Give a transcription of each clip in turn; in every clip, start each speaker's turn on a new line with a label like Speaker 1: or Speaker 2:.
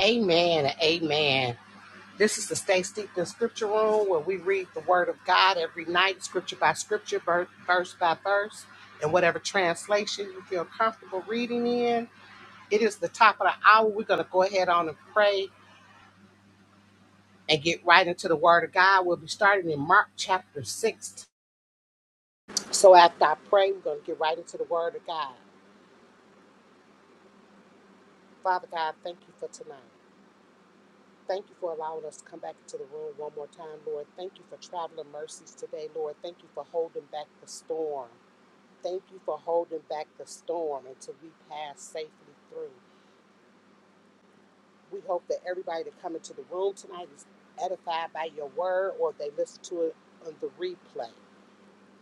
Speaker 1: Amen. and Amen. This is the Stay Steeped in Scripture Room where we read the Word of God every night, scripture by scripture, ver- verse by verse, in whatever translation you feel comfortable reading in. It is the top of the hour. We're going to go ahead on and pray and get right into the Word of God. We'll be starting in Mark chapter 6. So after I pray, we're going to get right into the Word of God. Father God, thank you for tonight. Thank you for allowing us to come back into the room one more time, Lord. Thank you for traveling mercies today, Lord. Thank you for holding back the storm. Thank you for holding back the storm until we pass safely through. We hope that everybody that come into the room tonight is edified by your word or they listen to it on the replay.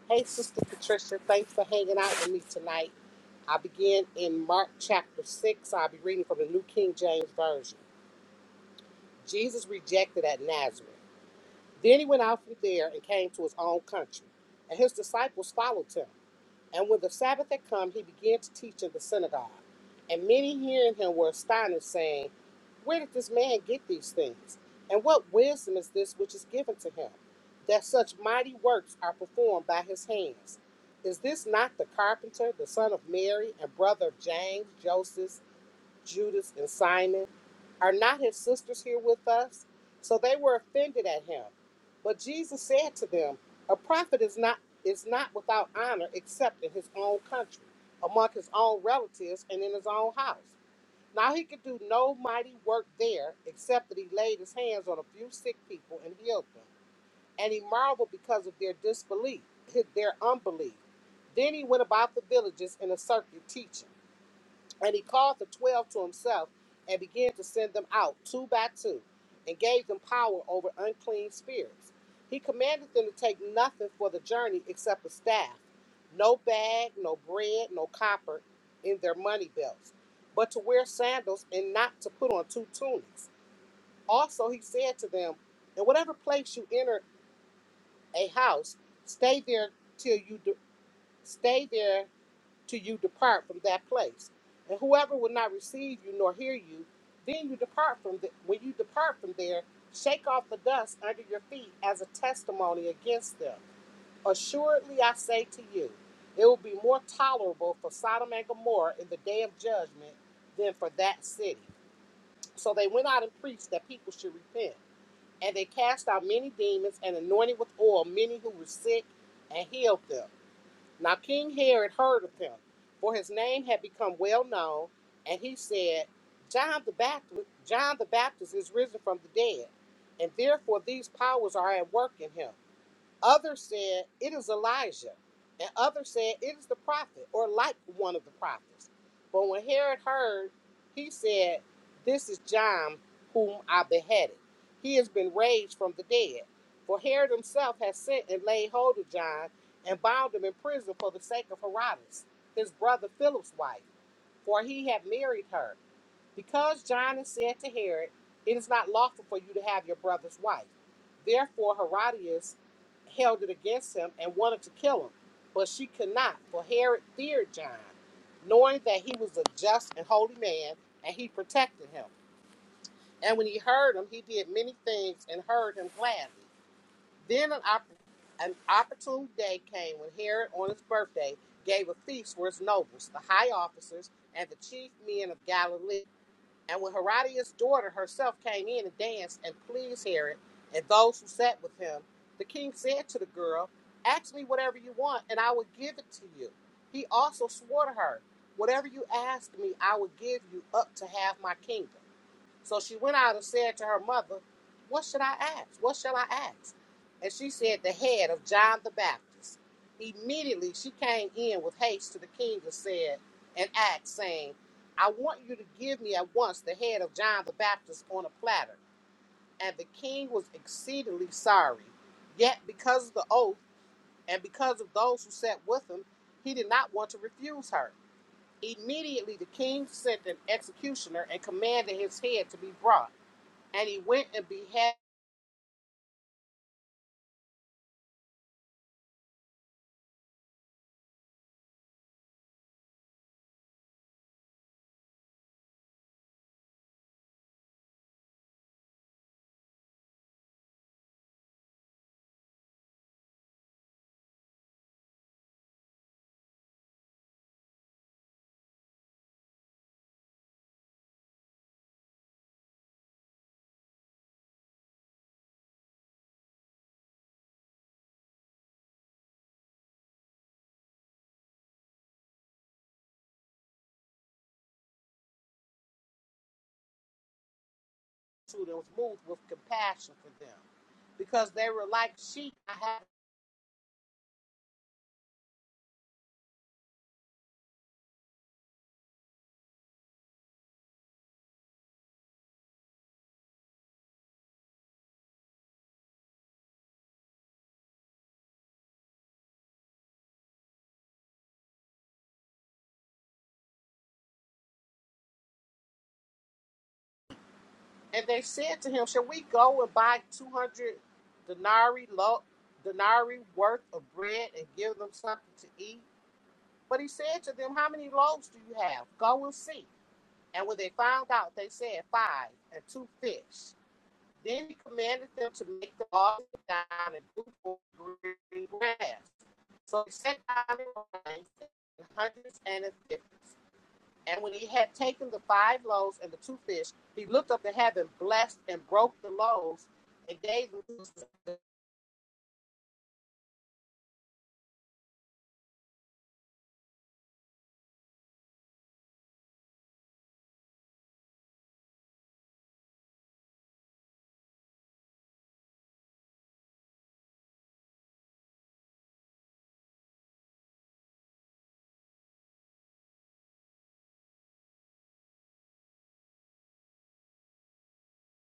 Speaker 1: Hey, Sister Patricia, thanks for hanging out with me tonight. I begin in Mark chapter 6. I'll be reading from the New King James Version. Jesus rejected at Nazareth. Then he went out from there and came to his own country, and his disciples followed him. And when the Sabbath had come, he began to teach in the synagogue. And many hearing him were astonished, saying, Where did this man get these things? And what wisdom is this which is given to him, that such mighty works are performed by his hands? Is this not the carpenter, the son of Mary, and brother of James, Joseph, Judas, and Simon? Are not his sisters here with us? So they were offended at him. But Jesus said to them, A prophet is not is not without honor except in his own country, among his own relatives, and in his own house. Now he could do no mighty work there, except that he laid his hands on a few sick people and healed them. And he marveled because of their disbelief, his- their unbelief. Then he went about the villages in a circuit teaching. And he called the twelve to himself and began to send them out two by two and gave them power over unclean spirits. He commanded them to take nothing for the journey except a staff, no bag, no bread, no copper in their money belts, but to wear sandals and not to put on two tunics. Also, he said to them, In whatever place you enter a house, stay there till you do, stay there till you depart from that place. And whoever will not receive you nor hear you, then you depart from the, when you depart from there, shake off the dust under your feet as a testimony against them. Assuredly I say to you, it will be more tolerable for Sodom and Gomorrah in the day of judgment than for that city. So they went out and preached that people should repent. And they cast out many demons and anointed with oil many who were sick and healed them. Now King Herod heard of him, for his name had become well known, and he said, John the Baptist, John the Baptist is risen from the dead, and therefore these powers are at work in him. Others said, It is Elijah. And others said, It is the prophet, or like one of the prophets. But when Herod heard, he said, This is John, whom I beheaded. He has been raised from the dead. For Herod himself has sent and laid hold of John and bound him in prison for the sake of Herodias, his brother Philip's wife, for he had married her. Because John said to Herod, It is not lawful for you to have your brother's wife. Therefore, Herodias held it against him and wanted to kill him. But she could not, for Herod feared John, knowing that he was a just and holy man, and he protected him. And when he heard him, he did many things and heard him gladly. Then an, opp- an opportune day came when Herod, on his birthday, gave a feast for his nobles, the high officers, and the chief men of Galilee. And when Herodias' daughter herself came in and danced and pleased Herod and those who sat with him, the king said to the girl, Ask me whatever you want, and I will give it to you. He also swore to her, Whatever you ask me, I will give you up to half my kingdom. So she went out and said to her mother, What should I ask? What shall I ask? And she said, The head of John the Baptist. Immediately she came in with haste to the king and said, and asked, saying, I want you to give me at once the head of John the Baptist on a platter. And the king was exceedingly sorry. Yet because of the oath and because of those who sat with him, he did not want to refuse her. Immediately the king sent an executioner and commanded his head to be brought. And he went and beheld the multitude and was moved with compassion for them, because they were like sheep. and they said to him, Shall we go and buy 200 denarii, lo, denarii worth of bread and give them something to eat? But he said to them, How many loaves do you have? Go and see. And when they found out, they said, Five and two fish. Then he commanded them to make the laws down and fruitful green grass. So he sent down the lines and hundreds and a fifty. And when he had taken the five loaves and the two fish, he looked up to heaven, blessed, and broke the loaves, and gave them to in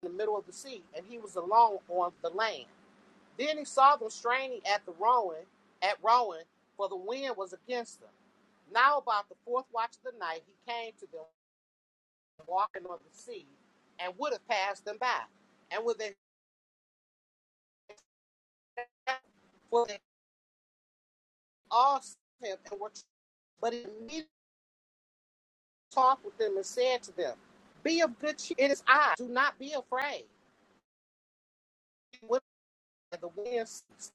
Speaker 1: the middle of the sea. And he was alone on the land. Then he saw them straining at the rowing, at rowing, for the wind was against them. Now about the fourth watch of the night, he came to them walking on the sea and would have passed them by. And when they for they all saw him and were but he immediately talked with them and said to them, Be of good cheer. It is I. Do not be afraid. When the wind ceased,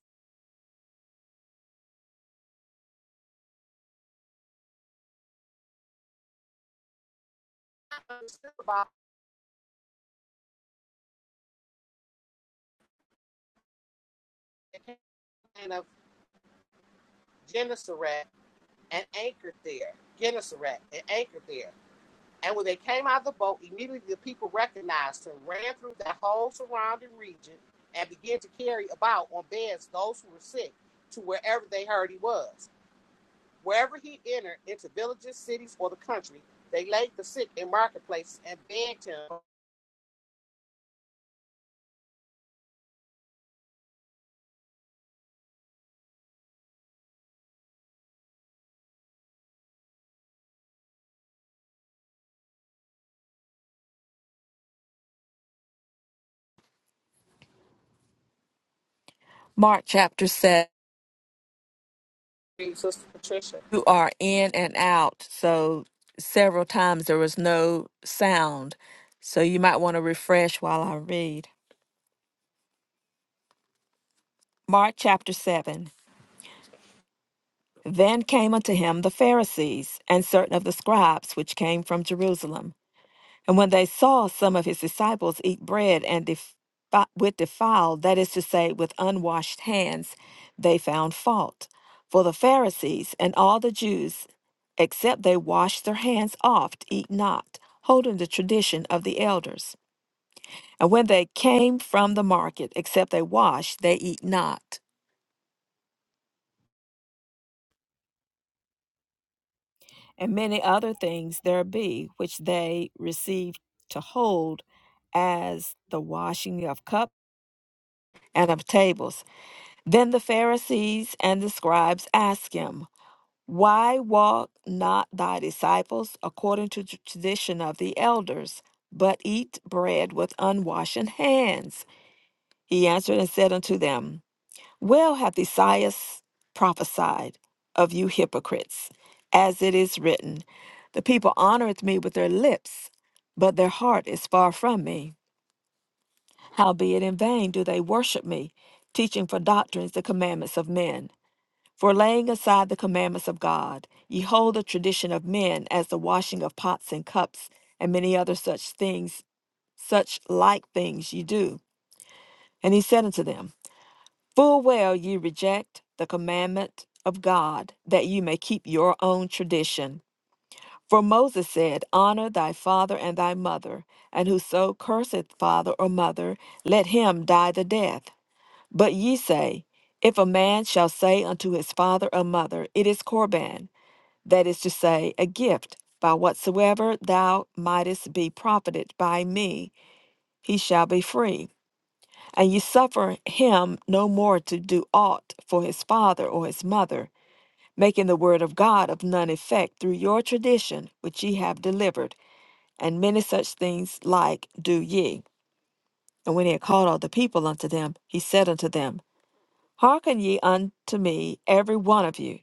Speaker 1: I understood about the land of Gennesaret and anchored there. Gennesaret and anchored there. And when they came out of the boat, immediately the people recognized him, ran through the whole surrounding region, and began to carry about on beds those who were sick to wherever they heard he was. Wherever he entered, into villages, cities, or the country, they laid the sick in marketplaces and begged him.
Speaker 2: Mark chapter 7,
Speaker 1: "Hey, Sister Patricia,
Speaker 2: you are in and out. So several times there was no sound. So you might want to refresh while I read. Mark chapter 7. Then came unto him the Pharisees and certain of the scribes which came from Jerusalem. And when they saw some of his disciples eat bread and defi- with defiled, that is to say, with unwashed hands, they found fault. For the Pharisees and all the Jews, except they wash their hands oft, eat not, holding the tradition of the elders. And when they came from the market, except they wash, they eat not. And many other things there be which they received to hold as the washing of cups and of tables. Then the Pharisees and the scribes asked him, Why walk not thy disciples according to the tradition of the elders, but eat bread with unwashen hands? He answered and said unto them, Well hath Isaiah prophesied of you hypocrites, as it is written, The people honoreth me with their lips, but their heart is far from me. Howbeit in vain do they worship me, teaching for doctrines the commandments of men. For laying aside the commandments of God, ye hold the tradition of men as the washing of pots and cups, and many other such things, such like things ye do. And he said unto them, Full well ye reject the commandment of God, that ye may keep your own tradition. For Moses said, Honor thy father and thy mother, and whoso curseth father or mother, let him die the death. But ye say, If a man shall say unto his father or mother, It is Corban that is to say, a gift, by whatsoever thou mightest be profited by me, he shall be free. And ye suffer him no more to do aught for his father or his mother, making the word of God of none effect through your tradition which ye have delivered, and many such things like do ye. And when he had called all the people unto them, he said unto them, Hearken ye unto me, every one of you,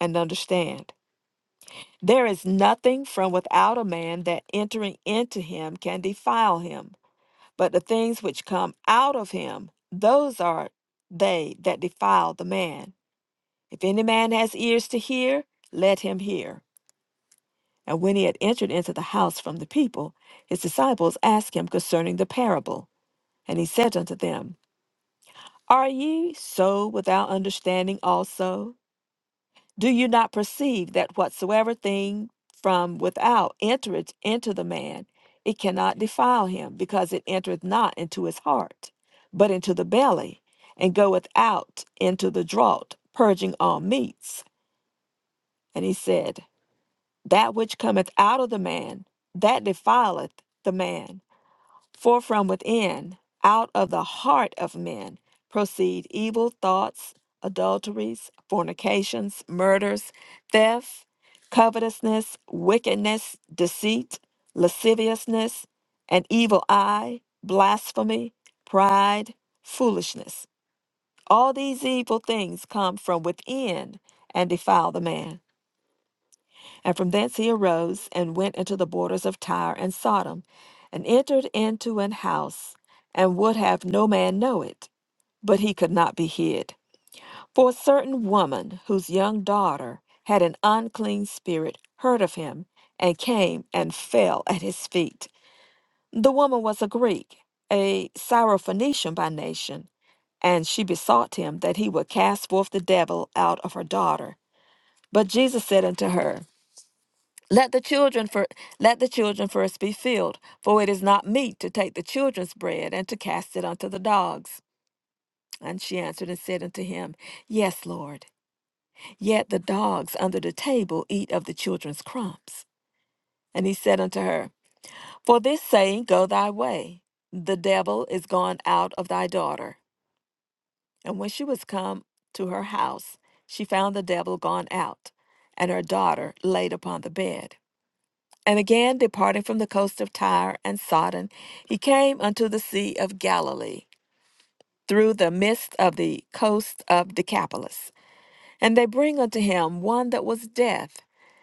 Speaker 2: and understand. There is nothing from without a man that entering into him can defile him, but the things which come out of him, those are they that defile the man. If any man has ears to hear, let him hear. And when he had entered into the house from the people, his disciples asked him concerning the parable. And he said unto them, Are ye so without understanding also? Do you not perceive that whatsoever thing from without entereth into the man, it cannot defile him, because it entereth not into his heart, but into the belly, and goeth out into the draught, purging all meats? And he said, That which cometh out of the man, that defileth the man. For from within, out of the heart of men, proceed evil thoughts, adulteries, fornications, murders, theft, covetousness, wickedness, deceit, lasciviousness, an evil eye, blasphemy, pride, foolishness. All these evil things come from within and defile the man. And from thence he arose and went into the borders of Tyre and Sodom, and entered into an house, and would have no man know it. But he could not be hid. For a certain woman, whose young daughter had an unclean spirit, heard of him, and came and fell at his feet. The woman was a Greek, a Syrophoenician by nation, and she besought him that he would cast forth the devil out of her daughter. But Jesus said unto her, let the children for let the children first be filled, for it is not meet to take the children's bread and to cast it unto the dogs. And she answered and said unto him, Yes, Lord. Yet the dogs under the table eat of the children's crumbs. And he said unto her, For this saying go thy way, the devil is gone out of thy daughter. And when she was come to her house, she found the devil gone out, and her daughter laid upon the bed. And again, departing from the coast of Tyre and Sidon, he came unto the sea of Galilee, through the midst of the coast of Decapolis. And they bring unto him one that was deaf,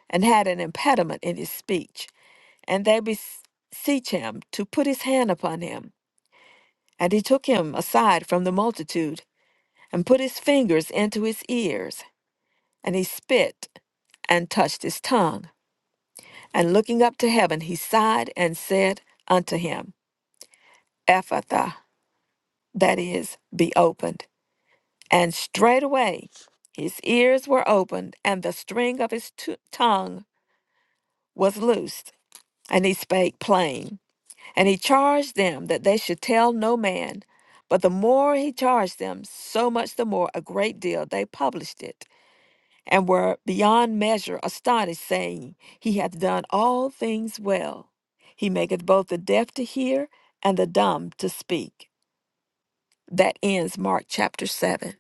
Speaker 2: and had an impediment in his speech. And they beseech him to put his hand upon him. And he took him aside from the multitude, and put his fingers into his ears. And he spit, and touched his tongue. And looking up to heaven, he sighed and said unto him, Ephatha, that is, be opened. And straightway his ears were opened, and the string of his tu- tongue was loosed, and he spake plain. And he charged them that they should tell no man. But the more he charged them, so much the more a great deal they published it, and were beyond measure astonished, saying, He hath done all things well. He maketh both the deaf to hear and the dumb to speak. That ends Mark chapter 7.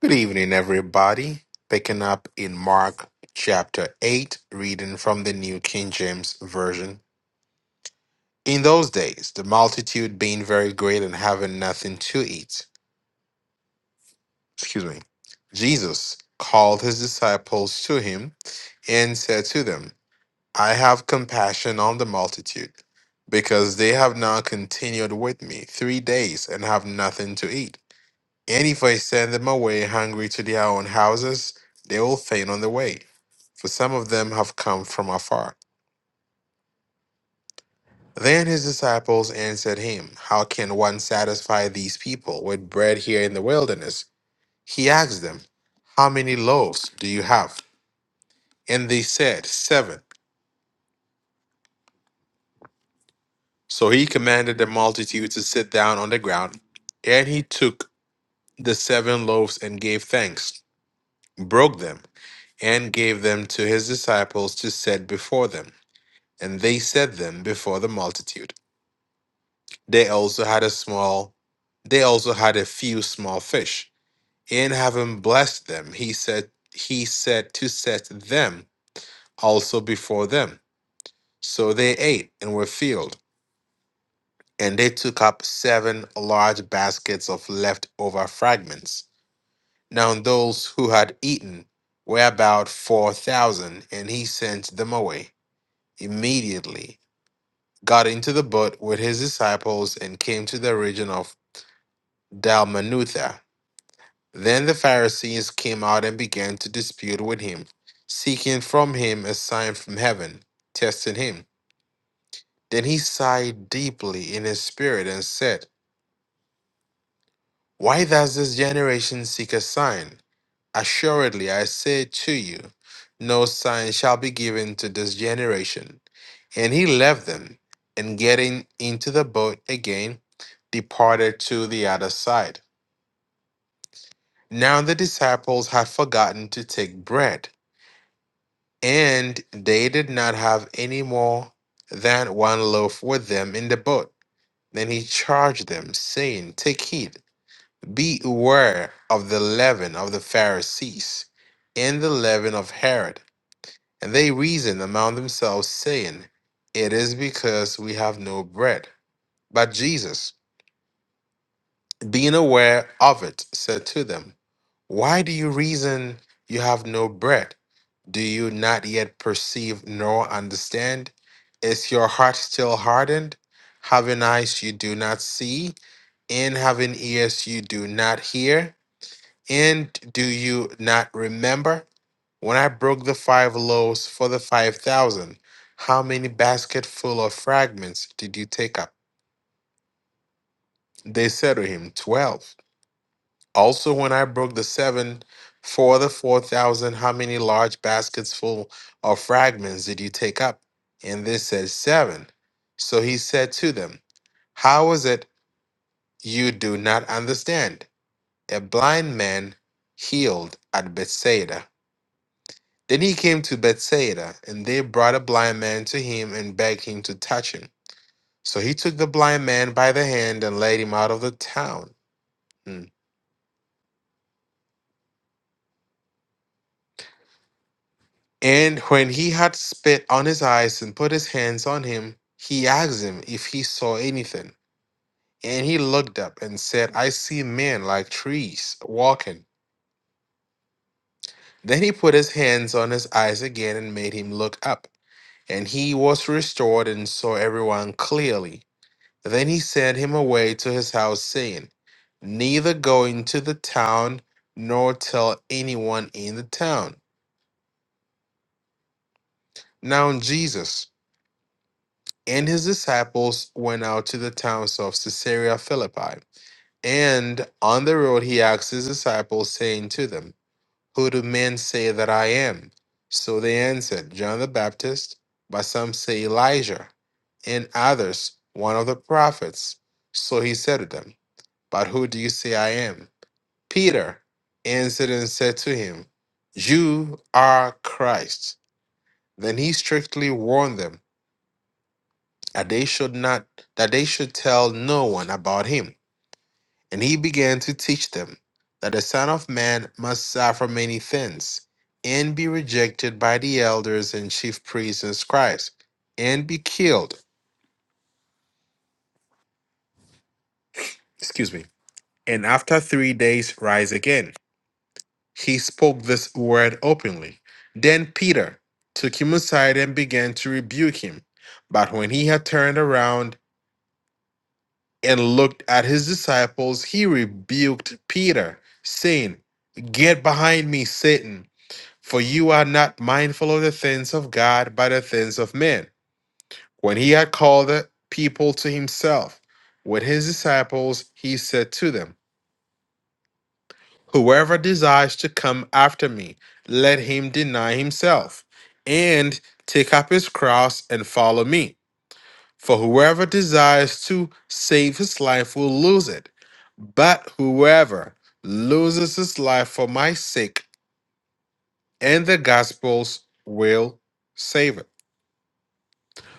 Speaker 3: Good evening, everybody. Picking up in Mark chapter 8, reading from the New King James Version. In those days, the multitude being very great and having nothing to eat, excuse me, Jesus called his disciples to him and said to them, I have compassion on the multitude, because they have now continued with me three days and have nothing to eat. And if I send them away hungry to their own houses, they will faint on the way, for some of them have come from afar. Then his disciples answered him, How can one satisfy these people with bread here in the wilderness? He asked them, How many loaves do you have? And they said, Seven. So he commanded the multitude to sit down on the ground, and he took the seven loaves and gave thanks, broke them, and gave them to his disciples to set before them and they set them before the multitude. They also had a small, they also had a few small fish. And having blessed them, he said, he said to set them also before them. So they ate and were filled, and they took up seven large baskets of leftover fragments. Now those who had eaten were about four thousand, and he sent them away immediately got into the boat with his disciples and came to the region of Dalmanutha. Then the Pharisees came out and began to dispute with him, seeking from him a sign from heaven, testing him. Then he sighed deeply in his spirit and said, Why does this generation seek a sign? Assuredly, I say to you, no sign shall be given to this generation. And he left them, and getting into the boat again, departed to the other side. Now the disciples had forgotten to take bread, and they did not have any more than one loaf with them in the boat. Then he charged them, saying, Take heed, beware of the leaven of the Pharisees, and the leaven of Herod. And they reasoned among themselves, saying, It is because we have no bread. But Jesus, being aware of it, said to them, Why do you reason you have no bread? Do you not yet perceive nor understand? Is your heart still hardened? Having eyes you do not see, and having ears you do not hear? And do you not remember? When I broke the five loaves for the five thousand, how many basketful of fragments did you take up? They said to him, Twelve. Also, when I broke the seven for the four thousand, how many large baskets full of fragments did you take up? And they said, Seven. So he said to them, How is it you do not understand? A blind man healed at Bethsaida Then he came to Bethsaida, and they brought a blind man to him and begged him to touch him. So he took the blind man by the hand and led him out of the town. Hmm. And when he had spit on his eyes and put his hands on him, he asked him if he saw anything. And he looked up and said, I see men like trees walking. Then he put his hands on his eyes again and made him look up. And he was restored and saw everyone clearly. Then he sent him away to his house, saying, Neither go into the town nor tell anyone in the town. Now Jesus and his disciples went out to the towns of Caesarea Philippi. And on the road he asked his disciples, saying to them, Who do men say that I am? So they answered, John the Baptist, but some say Elijah, and others, one of the prophets. So he said to them, But who do you say I am? Peter answered and said to him, You are Christ. Then he strictly warned them that they should not that they should tell no one about him. And he began to teach them that the Son of Man must suffer many things, and be rejected by the elders and chief priests and scribes, and be killed. Excuse me. And after three days rise again. he spoke this word openly. Then Peter took him aside and began to rebuke him. But when he had turned around and looked at his disciples, he rebuked Peter, saying, Get behind me, Satan, for you are not mindful of the things of God, but the things of men. When he had called the people to himself with his disciples, he said to them, Whoever desires to come after me, let him deny himself and take up his cross and follow me. For whoever desires to save his life will lose it, but whoever loses his life for my sake and the gospel's will save it.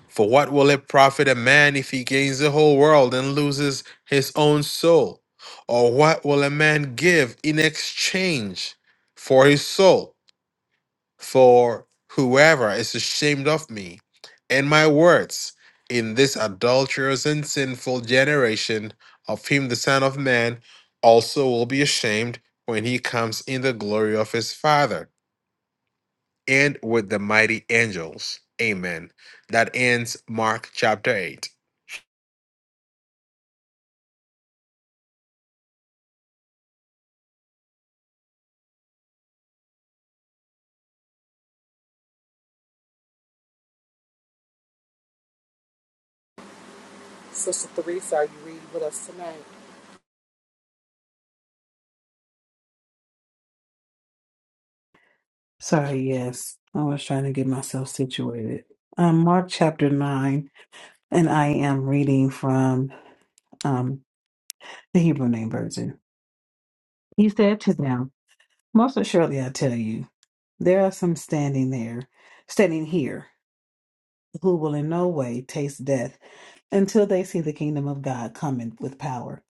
Speaker 3: For what will it profit a man if he gains the whole world and loses his own soul? Or what will a man give in exchange for his soul? for whoever is ashamed of me and my words in this adulterous and sinful generation, of him the Son of Man also will be ashamed when he comes in the glory of his Father and with the mighty angels. Amen. That ends Mark chapter 8.
Speaker 1: Sister Theresa, are you reading with us tonight?
Speaker 4: Sorry, yes. I was trying to get myself situated. Um, Mark chapter 9, and I am reading from um, the Hebrew name version. He said to them, Most assuredly I tell you, there are some standing there, standing here, who will in no way taste death until they see the kingdom of God coming with power.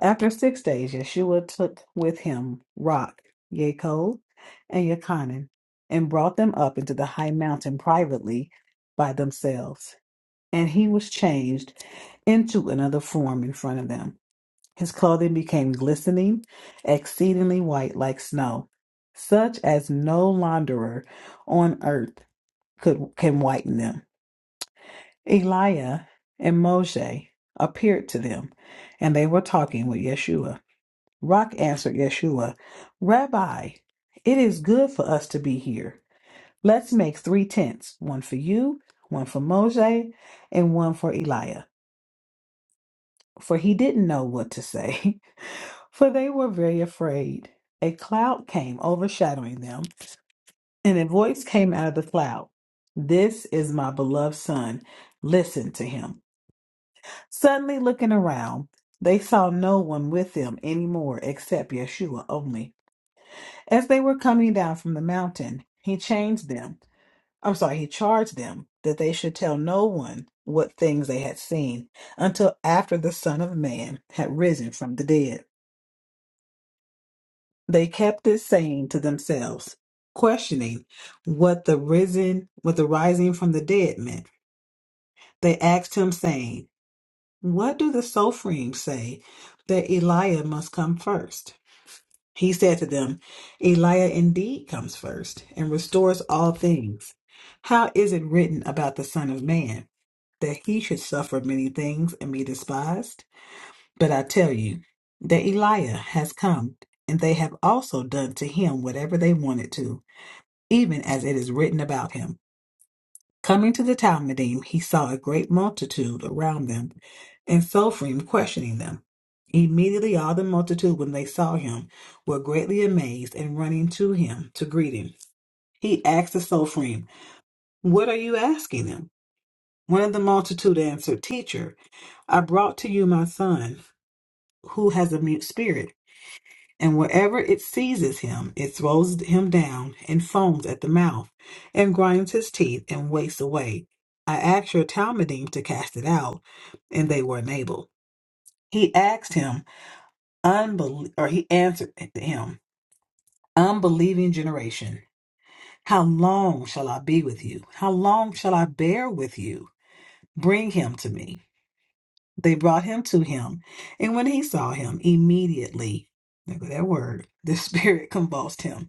Speaker 4: After six days, Yeshua took with him Rock, Yaakov, and Yochanan, and brought them up into the high mountain privately by themselves. And he was changed into another form in front of them. His clothing became glistening, exceedingly white like snow, such as no launderer on earth could can whiten them. Eliah and Moshe appeared to them, and they were talking with Yeshua. Rock answered Yeshua, Rabbi, it is good for us to be here. Let's make three tents one for you, one for Moshe, and one for Eliah. For he didn't know what to say, for they were very afraid. A cloud came overshadowing them, and a voice came out of the cloud This is my beloved son. Listen to him. Suddenly looking around, they saw no one with them anymore except Yeshua only. As they were coming down from the mountain, he changed them. I'm sorry, he charged them that they should tell no one what things they had seen until after the Son of Man had risen from the dead. They kept this saying to themselves, questioning what the risen, what the rising from the dead meant. They asked him, saying, What do the Sophrim say that Eliah must come first?" He said to them, Eliah indeed comes first and restores all things. How is it written about the Son of Man that he should suffer many things and be despised? But I tell you that Eliah has come, and they have also done to him whatever they wanted to, even as it is written about him. Coming to the Talmudim, he saw a great multitude around them, and Sophrim questioning them. Immediately all the multitude, when they saw him, were greatly amazed, and running to him to greet him, he asked the Sophrim, What are you asking them? One of the multitude answered, Teacher, I brought to you my son, who has a mute spirit. And wherever it seizes him, it throws him down and foams at the mouth, and grinds his teeth and wastes away. I asked your Talmudim to cast it out, and they were unable. He asked him, unbel- or he answered him, unbelieving generation, how long shall I be with you? How long shall I bear with you? Bring him to me. They brought him to him, and when he saw him, immediately, look at that word, the spirit convulsed him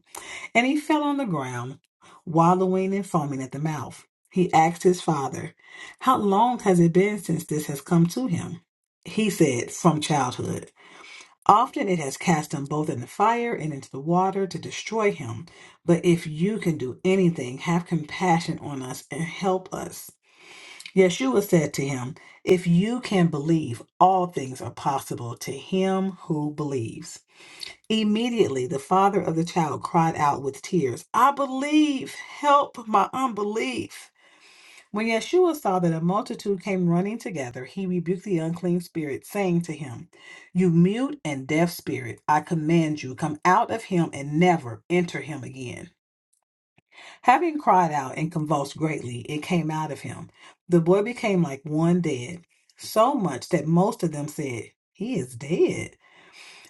Speaker 4: And he fell on the ground, wallowing and foaming at the mouth. He asked his father, How long has it been since this has come to him? He said, From childhood. Often it has cast him both in the fire and into the water to destroy him. But if you can do anything, have compassion on us and help us. Yeshua said to him, If you can believe, all things are possible to him who believes. Immediately, the father of the child cried out with tears, I believe, help my unbelief. When Yeshua saw that a multitude came running together, he rebuked the unclean spirit, saying to him, You mute and deaf spirit, I command you, come out of him and never enter him again. Having cried out and convulsed greatly, it came out of him. The boy became like one dead, so much that most of them said, He is dead.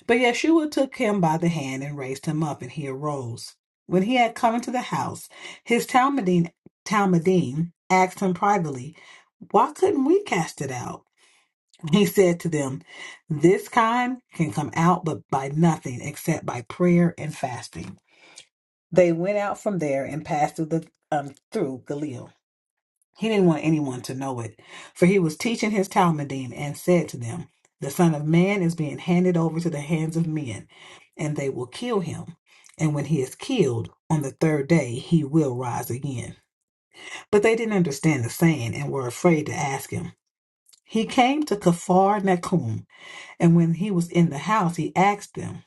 Speaker 4: But Yeshua took him by the hand and raised him up, and he arose. When he had come into the house, his Talmudim, Talmudim asked him privately, Why couldn't we cast it out? He said to them, This kind can come out but by nothing except by prayer and fasting. They went out from there and passed through the um, through Galilee. He didn't want anyone to know it, for he was teaching his Talmudim and said to them, The Son of Man is being handed over to the hands of men, and they will kill him. And when he is killed, on the third day he will rise again. But they didn't understand the saying and were afraid to ask him. He came to Kaphar Nahum, and when he was in the house, he asked them,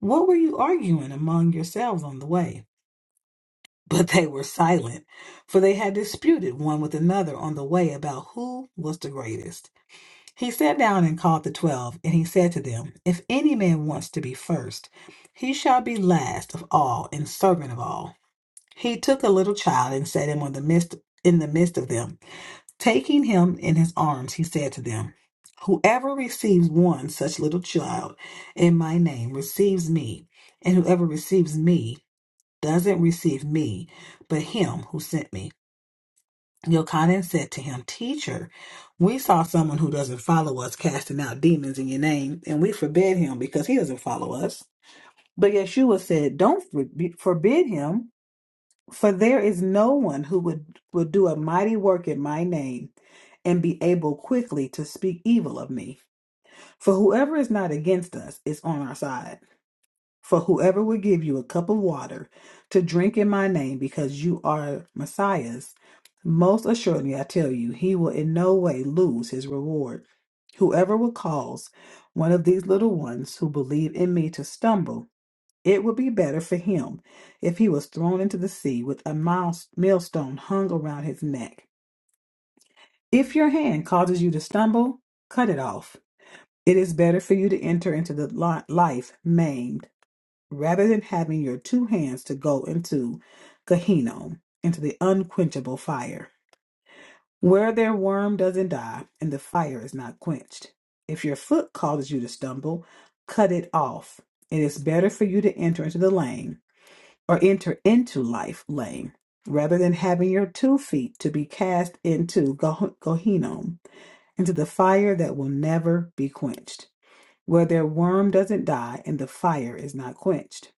Speaker 4: What were you arguing among yourselves on the way? But they were silent, for they had disputed one with another on the way about who was the greatest. He sat down and called the twelve, and he said to them, If any man wants to be first, he shall be last of all and servant of all. He took a little child and set him on the midst in the midst of them. Taking him in his arms, he said to them, Whoever receives one such little child in my name receives me, and whoever receives me doesn't receive me, but him who sent me. Yochanan said to him, Teacher, we saw someone who doesn't follow us casting out demons in your name, and we forbid him because he doesn't follow us. But Yeshua said, Don't forbi- forbid him, for there is no one who would, would do a mighty work in my name and be able quickly to speak evil of me. For whoever is not against us is on our side. For whoever will give you a cup of water to drink in my name, because you are Messiah's, most assuredly I tell you, he will in no way lose his reward. Whoever will cause one of these little ones who believe in me to stumble, it would be better for him if he was thrown into the sea with a miles- millstone hung around his neck. If your hand causes you to stumble, cut it off. It is better for you to enter into the li- life maimed rather than having your two hands to go into Gehinnom, into the unquenchable fire, where their worm doesn't die and the fire is not quenched. If your foot causes you to stumble, cut it off. It is better for you to enter into the lane or enter into life lane rather than having your two feet to be cast into Geh- Gehinnom, into the fire that will never be quenched, where their worm doesn't die and the fire is not quenched.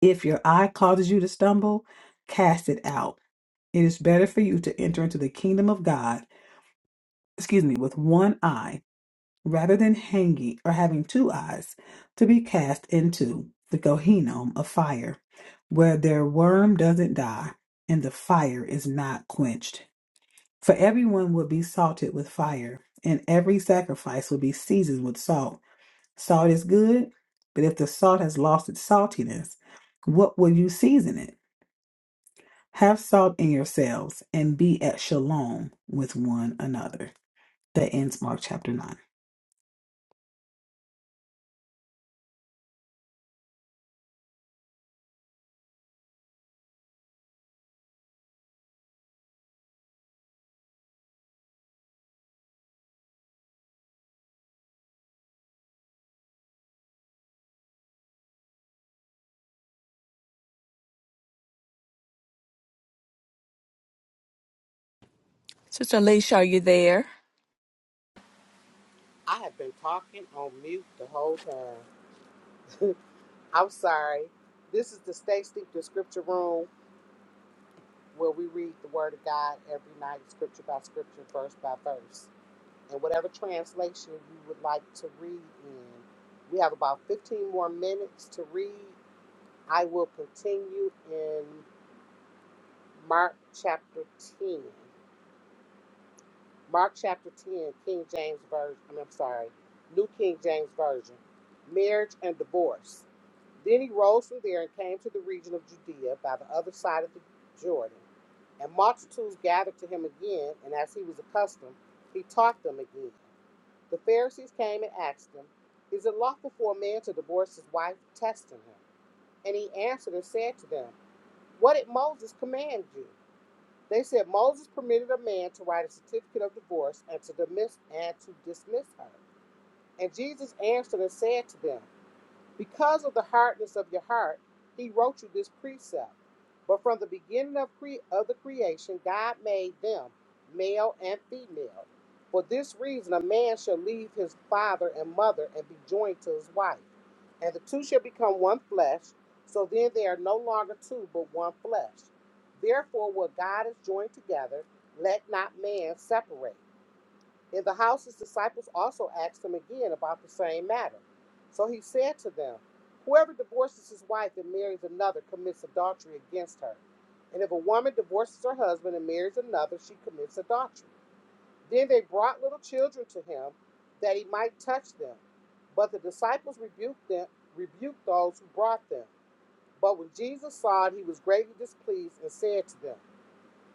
Speaker 4: If your eye causes you to stumble, cast it out. It is better for you to enter into the kingdom of God, excuse me, with one eye, rather than hanging or having two eyes, to be cast into the Gehenna of fire, where their worm doesn't die and the fire is not quenched. For everyone will be salted with fire, and every sacrifice will be seasoned with salt. Salt is good, but if the salt has lost its saltiness, what will you season it? Have salt in yourselves and be at shalom with one another. That ends Mark chapter 9.
Speaker 2: Sister Alicia, are you there?
Speaker 1: I have been talking on mute the whole time. I'm sorry. This is the Stay Steeped in Scripture Room. where we read the Word of God every night, scripture by scripture, verse by verse. And whatever translation you would like to read in, we have about 15 more minutes to read. I will continue in Mark chapter 10. Mark chapter 10, King James Version, I'm sorry, New King James Version, marriage and divorce. Then he rose from there and came to the region of Judea by the other side of the Jordan. And multitudes gathered to him again, and as he was accustomed, he taught them again. The Pharisees came and asked him, Is it lawful for a man to divorce his wife, testing him? And he answered and said to them, What did Moses command you? They said, Moses permitted a man to write a certificate of divorce and to dismiss and to dismiss her. And Jesus answered and said to them, because of the hardness of your heart, he wrote you this precept. But from the beginning of, cre- of the creation, God made them male and female. For this reason, a man shall leave his father and mother and be joined to his wife, and the two shall become one flesh. So then they are no longer two, but one flesh. Therefore, what God has joined together, let not man separate. In the house, his disciples also asked him again about the same matter. So he said to them, Whoever divorces his wife and marries another commits adultery against her. And if a woman divorces her husband and marries another, she commits adultery. Then they brought little children to him that he might touch them. But the disciples rebuked them, rebuked those who brought them. But when Jesus saw it, he was greatly displeased and said to them,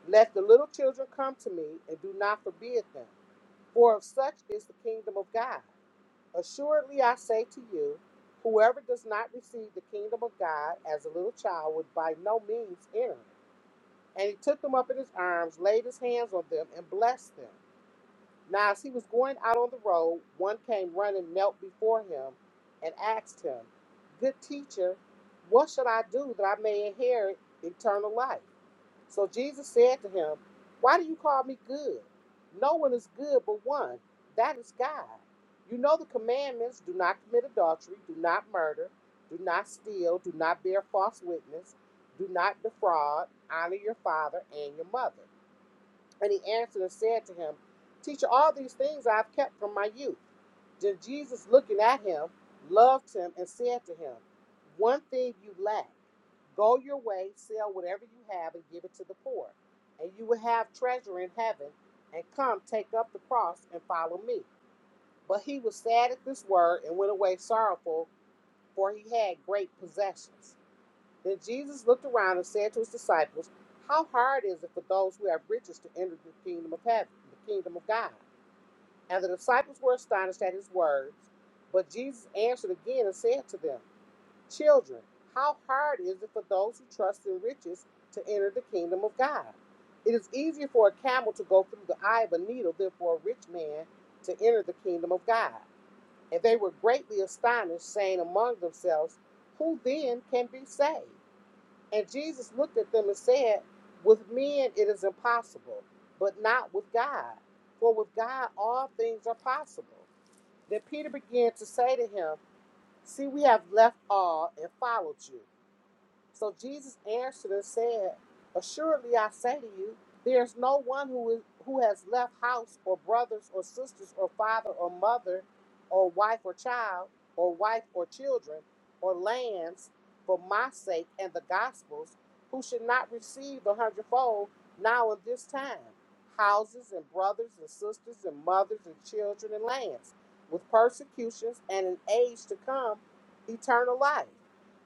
Speaker 1: Let the little children come to me and do not forbid them for of such is the kingdom of God. Assuredly, I say to you, whoever does not receive the kingdom of God as a little child would by no means enter. And he took them up in his arms, laid his hands on them, and blessed them. Now, as he was going out on the road, one came running, knelt before him, and asked him, Good teacher, what should I do that I may inherit eternal life? So Jesus said to him, Why do you call me good? No one is good but one, that is God. You know the commandments do not commit adultery, do not murder, do not steal, do not bear false witness, do not defraud, honor your father and your mother. And he answered and said to him, Teacher, all these things I have kept from my youth. Then Jesus, looking at him, loved him and said to him, One thing you lack. Go your way, sell whatever you have, and give it to the poor, and you will have treasure in heaven. And come, take up the cross and follow me. But he was sad at this word and went away sorrowful, for he had great possessions. Then Jesus looked around and said to his disciples, How hard is it for those who have riches to enter the kingdom of heaven, the kingdom of God? And the disciples were astonished at his words. But Jesus answered again and said to them, Children, how hard is it for those who trust in riches to enter the kingdom of God? It is easier for a camel to go through the eye of a needle than for a rich man to enter the kingdom of God. And they were greatly astonished, saying among themselves, Who then can be saved? And Jesus looked at them and said, With men it is impossible, but not with God. For with God all things are possible. Then Peter began to say to him, See, we have left all and followed you. So Jesus answered and said, Assuredly I say to you, there is no one who is who has left house or brothers or sisters or father or mother or wife or child or wife or children or lands for my sake and the gospel's who should not receive a hundredfold now in this time houses and brothers and sisters and mothers and children and lands with persecutions and an age to come eternal life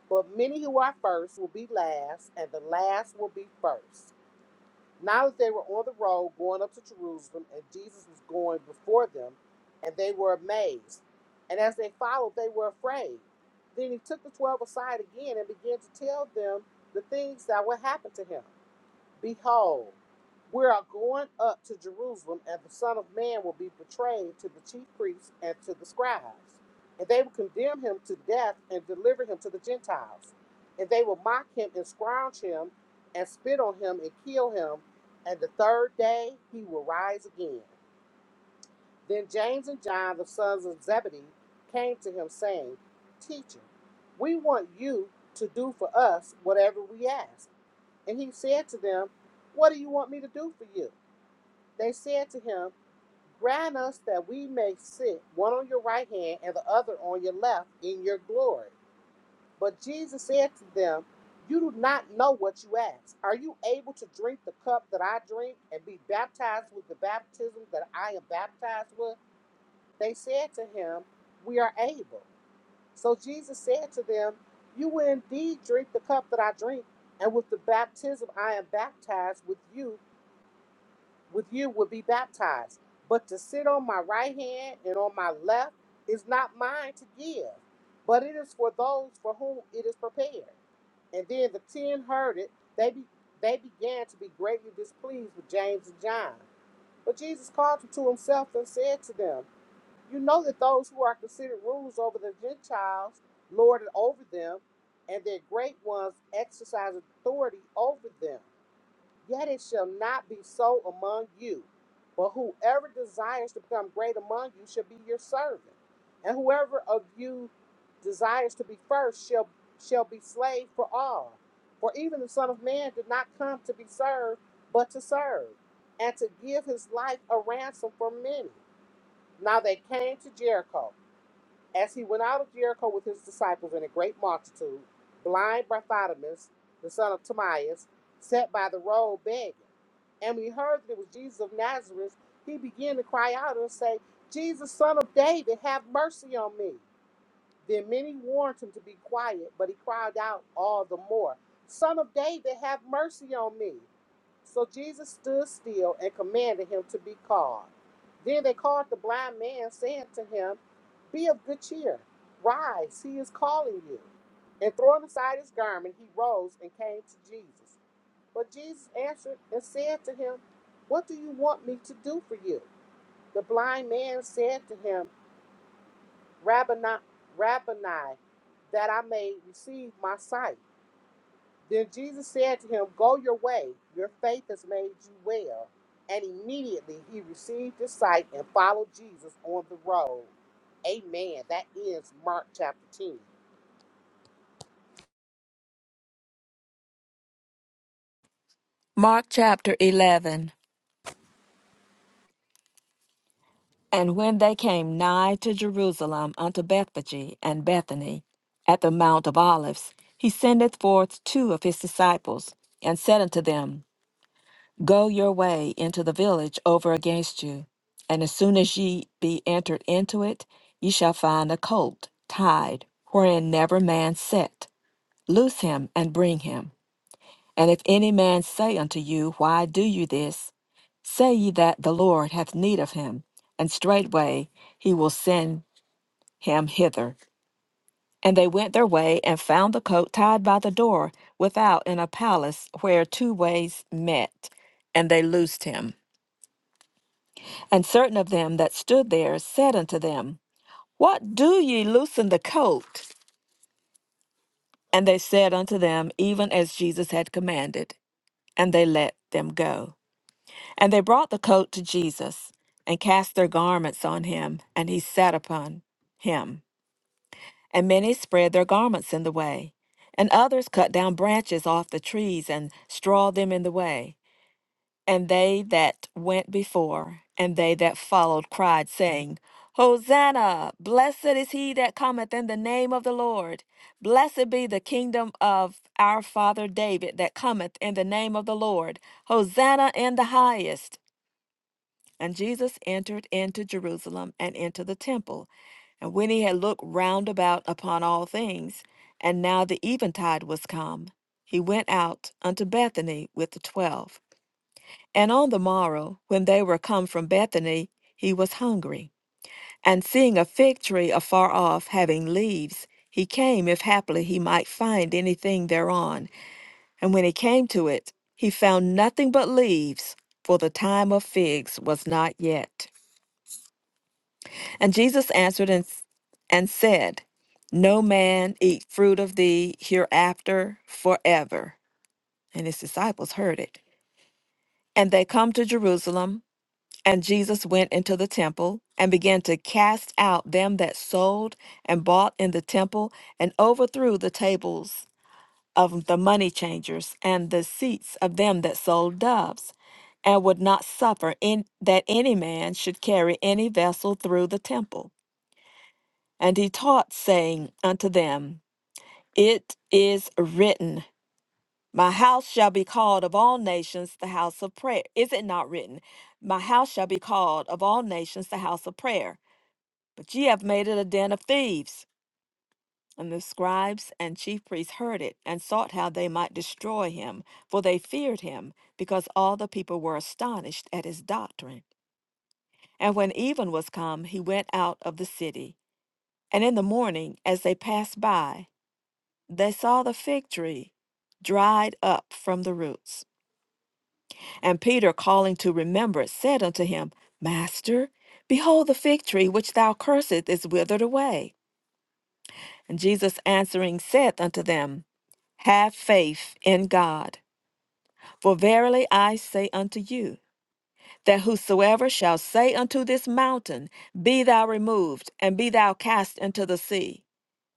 Speaker 1: but many who are first will be last, and the last will be first. Now that they were on the road going up to Jerusalem, and Jesus was going before them, and they were amazed. And as they followed, they were afraid. Then he took the twelve aside again and began to tell them the things that would happen to him. Behold, we are going up to Jerusalem, and the Son of Man will be betrayed to the chief priests and to the scribes. And they will condemn him to death and deliver him to the Gentiles. And they will mock him and scourge him and spit on him and kill him. And the third day he will rise again. Then James and John, the sons of Zebedee, came to him, saying, Teacher, we want you to do for us whatever we ask. And he said to them, What do you want me to do for you? They said to him, Grant us that we may sit one on your right hand and the other on your left in your glory. But Jesus said to them, You do not know what you ask. Are you able to drink the cup that I drink and be baptized with the baptism that I am baptized with? They said to him, We are able. So Jesus said to them, You will indeed drink the cup that I drink, and with the baptism I am baptized with you, with you will be baptized. But to sit on my right hand and on my left is not mine to give, but it is for those for whom it is prepared. And then the ten heard it, they be, they began to be greatly displeased with James and John. But Jesus called them to himself and said to them, you know that those who are considered rulers over the Gentiles lord it over them, and their great ones exercise authority over them. Yet it shall not be so among you. But whoever desires to become great among you shall be your servant. And whoever of you desires to be first shall shall be slave for all. For even the Son of Man did not come to be served, but to serve, and to give his life a ransom for many. Now they came to Jericho. As he went out of Jericho with his disciples and a great multitude, blind Bartimaeus, the son of Timaeus, sat by the road begging. And when he heard that it was Jesus of Nazareth, he began to cry out and say, Jesus, son of David, have mercy on me. Then many warned him to be quiet, but he cried out all the more, Son of David, have mercy on me. So Jesus stood still and commanded him to be called. Then they called the blind man, saying to him, Be of good cheer, rise, he is calling you. And throwing aside his garment, he rose and came to Jesus. But Jesus answered and said to him, What do you want me to do for you? The blind man said to him, Rabboni, Rabboni, that I may receive my sight. Then Jesus said to him, Go your way, your faith has made you well. And immediately he received his sight and followed Jesus on the road. Amen. That ends Mark chapter 10.
Speaker 2: Mark chapter 11. And when they came nigh to Jerusalem unto Bethphage and Bethany at the Mount of Olives, he sendeth forth two of his disciples and said unto them, Go your way into the village over against you. And as soon as ye be entered into it, ye shall find a colt tied, wherein never man sat. Loose him and bring him. And if any man say unto you, Why do you this? Say ye that the Lord hath need of him, and straightway he will send him hither. And they went their way, and found the coat tied by the door without in a palace where two ways met, and they loosed him. And certain of them that stood there said unto them, What do ye loosen the coat? And they said unto them, Even as Jesus had commanded, and they let them go. And they brought the coat to Jesus, and cast their garments on him, and he sat upon him. And many spread their garments in the way, and others cut down branches off the trees and strawed them in the way. And they that went before, and they that followed, cried, saying, Hosanna! Blessed is he that cometh in the name of the Lord. Blessed be the kingdom of our father David that cometh in the name of the Lord. Hosanna in the highest. And Jesus entered into Jerusalem and into the temple. And when he had looked round about upon all things, and now the eventide was come, he went out unto Bethany with the twelve. And on the morrow, when they were come from Bethany, he was hungry. And seeing a fig tree afar off, having leaves, he came, if haply he might find anything thereon. And when he came to it, he found nothing but leaves, for the time of figs was not yet. And Jesus answered and, and said, No man eat fruit of thee hereafter forever. And his disciples heard it. And they come to Jerusalem, and Jesus went into the temple and began to cast out them that sold and bought in the temple, and overthrew the tables of the money changers and the seats of them that sold doves, and would not suffer in, that any man should carry any vessel through the temple. And he taught, saying unto them, It is written, My house shall be called of all nations the house of prayer. Is it not written, My house shall be called of all nations the house of prayer? But ye have made it a den of thieves. And the scribes and chief priests heard it, and sought how they might destroy him, for they feared him, because all the people were astonished at his doctrine. And when even was come, he went out of the city. And in the morning, as they passed by, They saw the fig tree dried up from the roots. And Peter, calling to remembrance, said unto him, Master, behold, the fig tree which thou cursest is withered away. And Jesus answering said unto them, have faith in God. For verily I say unto you, that whosoever shall say unto this mountain, Be thou removed, and be thou cast into the sea,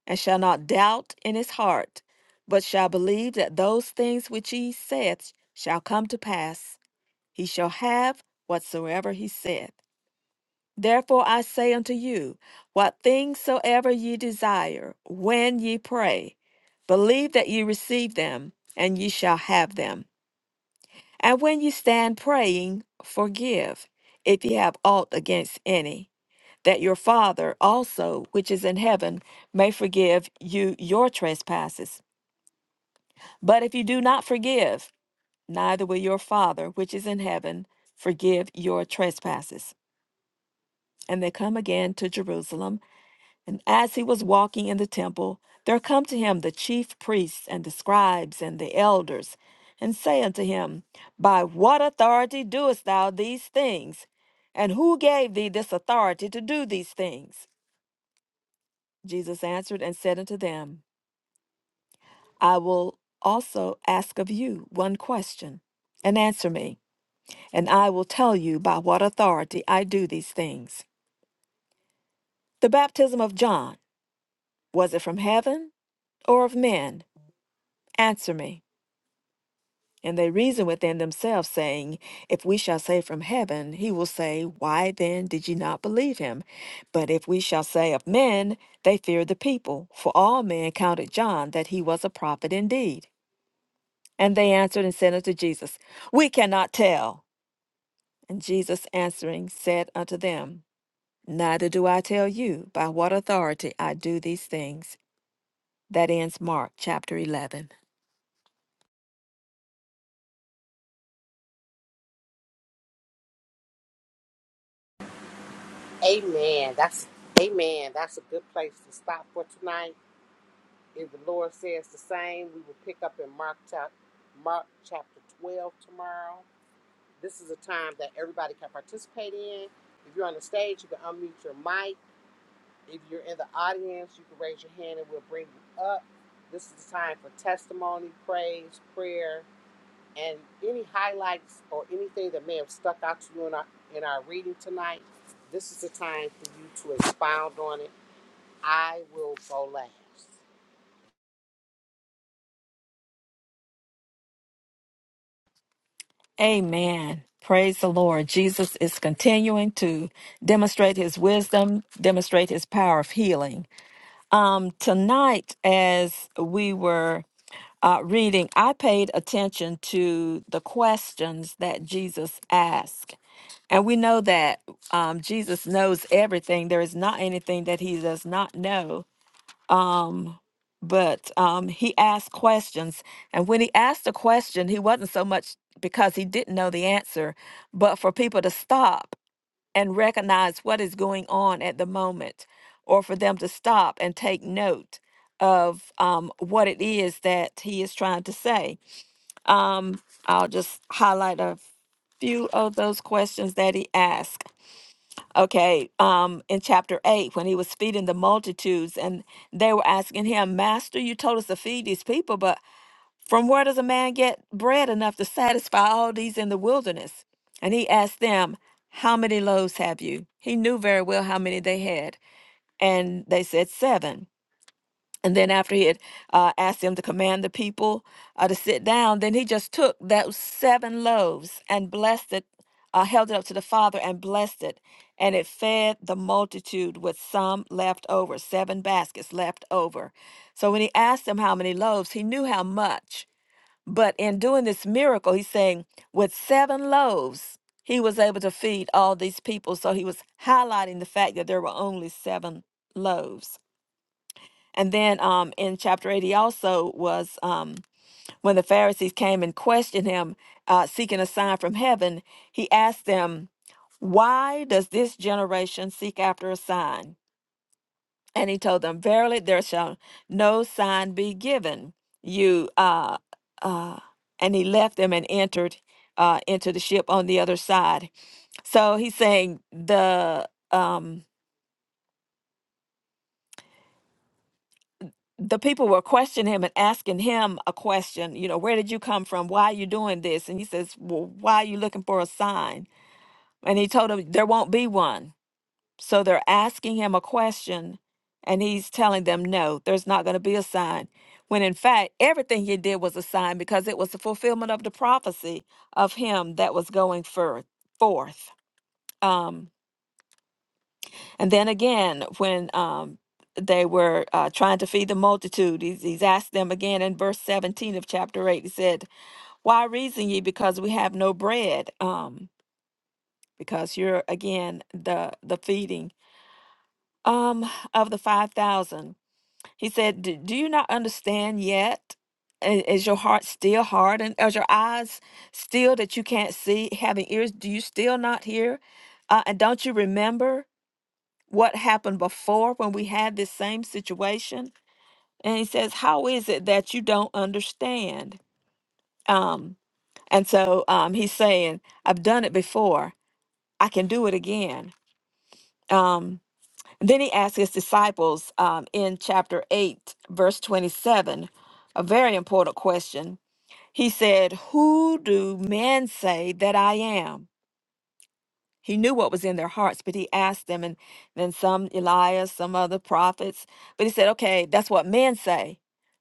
Speaker 2: and shall not doubt in his heart, but shall believe that those things which he saith shall come to pass. He shall have whatsoever he saith. Therefore I say unto you, what things soever ye desire, when ye pray, believe that ye receive them, and ye shall have them. And when you stand praying, forgive if you have aught against any, that your Father also, which is in heaven, may forgive you your trespasses. But if you do not forgive, neither will your Father, which is in heaven, forgive your trespasses. And they come again to Jerusalem And as he was walking in the temple, there come to him the chief priests and the scribes and the elders, and say unto him, By what authority doest thou these things? And who gave thee this authority to do these things? Jesus answered and said unto them, I will also ask of you one question, and answer me, and I will tell you by what authority I do these things. The baptism of John, was it from heaven or of men? Answer me. And they reasoned within themselves, saying, If we shall say from heaven, he will say, Why then did ye not believe him? But if we shall say of men, they feared the people, for all men counted John that he was a prophet indeed. And they answered and said unto Jesus, We cannot tell. And Jesus answering said unto them, Neither do I tell you by what authority I do these things. That ends Mark chapter 11.
Speaker 1: Amen. That's Amen. That's a good place to stop for tonight. If the Lord says the same, we will pick up in Mark chapter Mark chapter 12 tomorrow. This is a time that everybody can participate in. If you're on the stage, you can unmute your mic If you're in the audience, you can raise your hand and we'll bring you up. This is the time for testimony, praise, prayer, and any highlights or anything that may have stuck out to you in our in our reading tonight. This is the time for you to expound on it. I will go last.
Speaker 2: Amen. Praise the Lord. Jesus is continuing to demonstrate his wisdom, demonstrate his power of healing. Um, tonight, as we were uh, reading, I paid attention to the questions that Jesus asked. And we know that um, Jesus knows everything. There is not anything that he does not know um but um he asked questions and when he asked a question he wasn't so much because he didn't know the answer but for people to stop and recognize what is going on at the moment or for them to stop and take note of um, what it is that he is trying to say um, i'll just highlight a few of those questions that he asked Okay, um, in chapter 8, when he was feeding the multitudes, and they were asking him, Master, you told us to feed these people, but from where does a man get bread enough to satisfy all these in the wilderness? And he asked them, How many loaves have you? He knew very well how many they had. And they said, Seven. And then after he had uh, asked him to command the people uh, to sit down, then he just took those seven loaves and blessed it, uh, held it up to the Father and blessed it. And it fed the multitude with some left over, seven baskets left over. So when he asked them how many loaves, he knew how much. But in doing this miracle, he's saying, with seven loaves, he was able to feed all these people. So he was highlighting the fact that there were only seven loaves. And then um, in chapter 80 also was um, when the Pharisees came and questioned him, uh, seeking a sign from heaven, he asked them, Why does this generation seek after a sign? And he told them, Verily, there shall no sign be given you. Uh, uh, and he left them and entered uh, into the ship on the other side. So he's saying, The. Um, the people were questioning him and asking him a question, you know, where did you come from? Why are you doing this? And he says, well, why are you looking for a sign? And he told them, there won't be one. So they're asking him a question and he's telling them, no, there's not going to be a sign. When in fact, everything he did was a sign because it was the fulfillment of the prophecy of him that was going forth. forth. Um, and then again, when um, they were uh, trying to feed the multitude, he's, he's asked them again in verse 17 of chapter 8. He said, Why reason ye because we have no bread? Um, because you're again the the feeding um of the 5000 he said do, do you not understand yet I- is your heart still hardened is your eyes still that you can't see having ears do you still not hear uh, and don't you remember what happened before when we had this same situation. And he says, How is it that you don't understand? Um, and so um, he's saying, I've done it before, I can do it again. Um, then he asks his disciples um, in chapter 8, verse 27, a very important question. He said, Who do men say that I am? He knew what was in their hearts, but he asked them, and then some Elias, some other prophets. But he said, okay, that's what men say.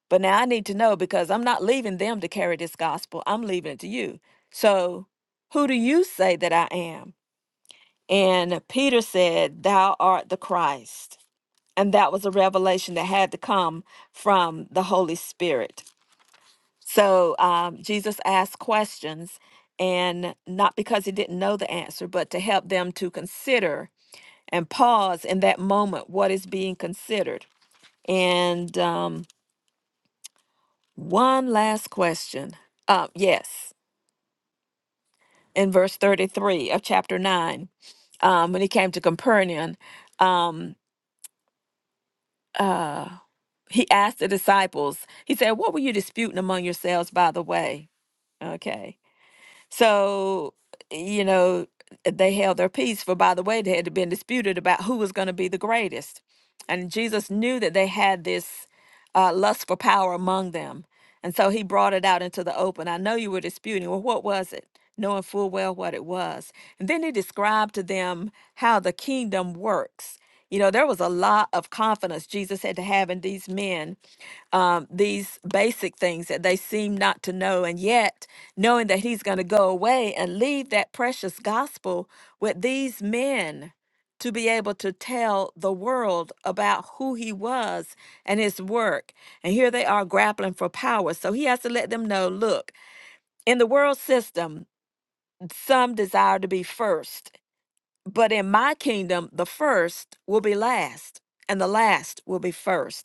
Speaker 2: But now I need to know because I'm not leaving them to carry this gospel. I'm leaving it to you. So who do you say that I am? And Peter said, Thou art the Christ. And that was a revelation that had to come from the Holy Spirit. So um, Jesus asked questions, and not because he didn't know the answer, but to help them to consider and pause in that moment what is being considered. And um, one last question. Uh, yes, in verse 33 of chapter 9, um, when he came to Capernaum, um, uh, he asked the disciples, he said, What were you disputing among yourselves by the way? Okay. So, you know, they held their peace, for by the way, they had been disputed about who was going to be the greatest. And Jesus knew that they had this uh, lust for power among them. And so he brought it out into the open. I know you were disputing. Well, what was it? Knowing full well what it was. And then he described to them how the kingdom works. You know, there was a lot of confidence Jesus had to have in these men um, these basic things that they seem not to know. And yet, knowing that he's going to go away and leave that precious gospel with these men to be able to tell the world about who he was and his work. And here they are grappling for power. So he has to let them know look, in the world system, some desire to be first, but in my kingdom, the first will be last, and the last will be first.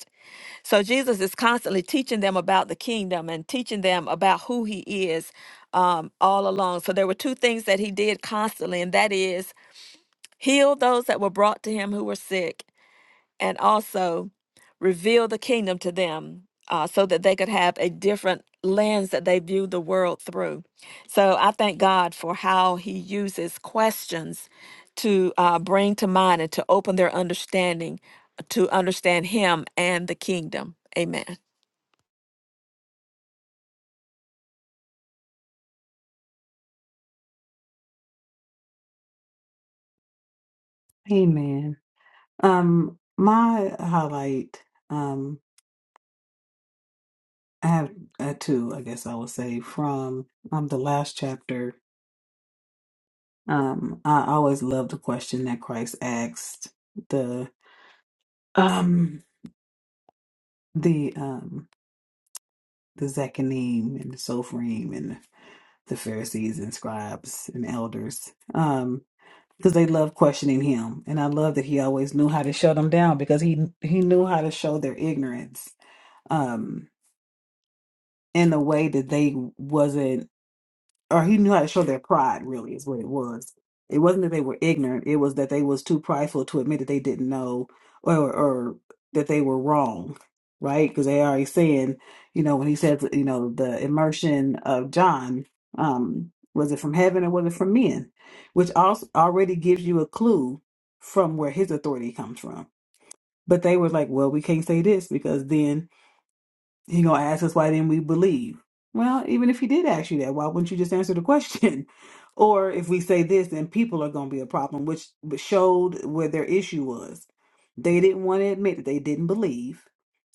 Speaker 2: So Jesus is constantly teaching them about the kingdom and teaching them about who he is um, all along. So there were two things that he did constantly, and that is heal those that were brought to him who were sick and also reveal the kingdom to them uh, so that they could have a different lens that they view the world through. So I thank God for how he uses questions to uh, bring to mind and to open their understanding uh, to understand him and the kingdom. Amen.
Speaker 4: Amen. Um, my highlight, um, I have uh, two, I guess I would say, from um the last chapter. Um, I always love the question that Christ asked the um the um the Zechanim and the Sophrim and the Pharisees and scribes and elders. Um, because they love questioning him, and I love that he always knew how to shut them down because he he knew how to show their ignorance. Um, in a way that they wasn't or he knew how to show their pride really is what it was it wasn't that they were ignorant it was that they was too prideful to admit that they didn't know or or that they were wrong right because they already saying you know when he says you know the immersion of john um was it from heaven or was it from men which also already gives you a clue from where his authority comes from but they were like well we can't say this because then he gonna ask us why didn't we believe? Well, even if he did ask you that, why wouldn't you just answer the question? or if we say this, then people are gonna be a problem, which showed where their issue was. They didn't want to admit that they didn't believe,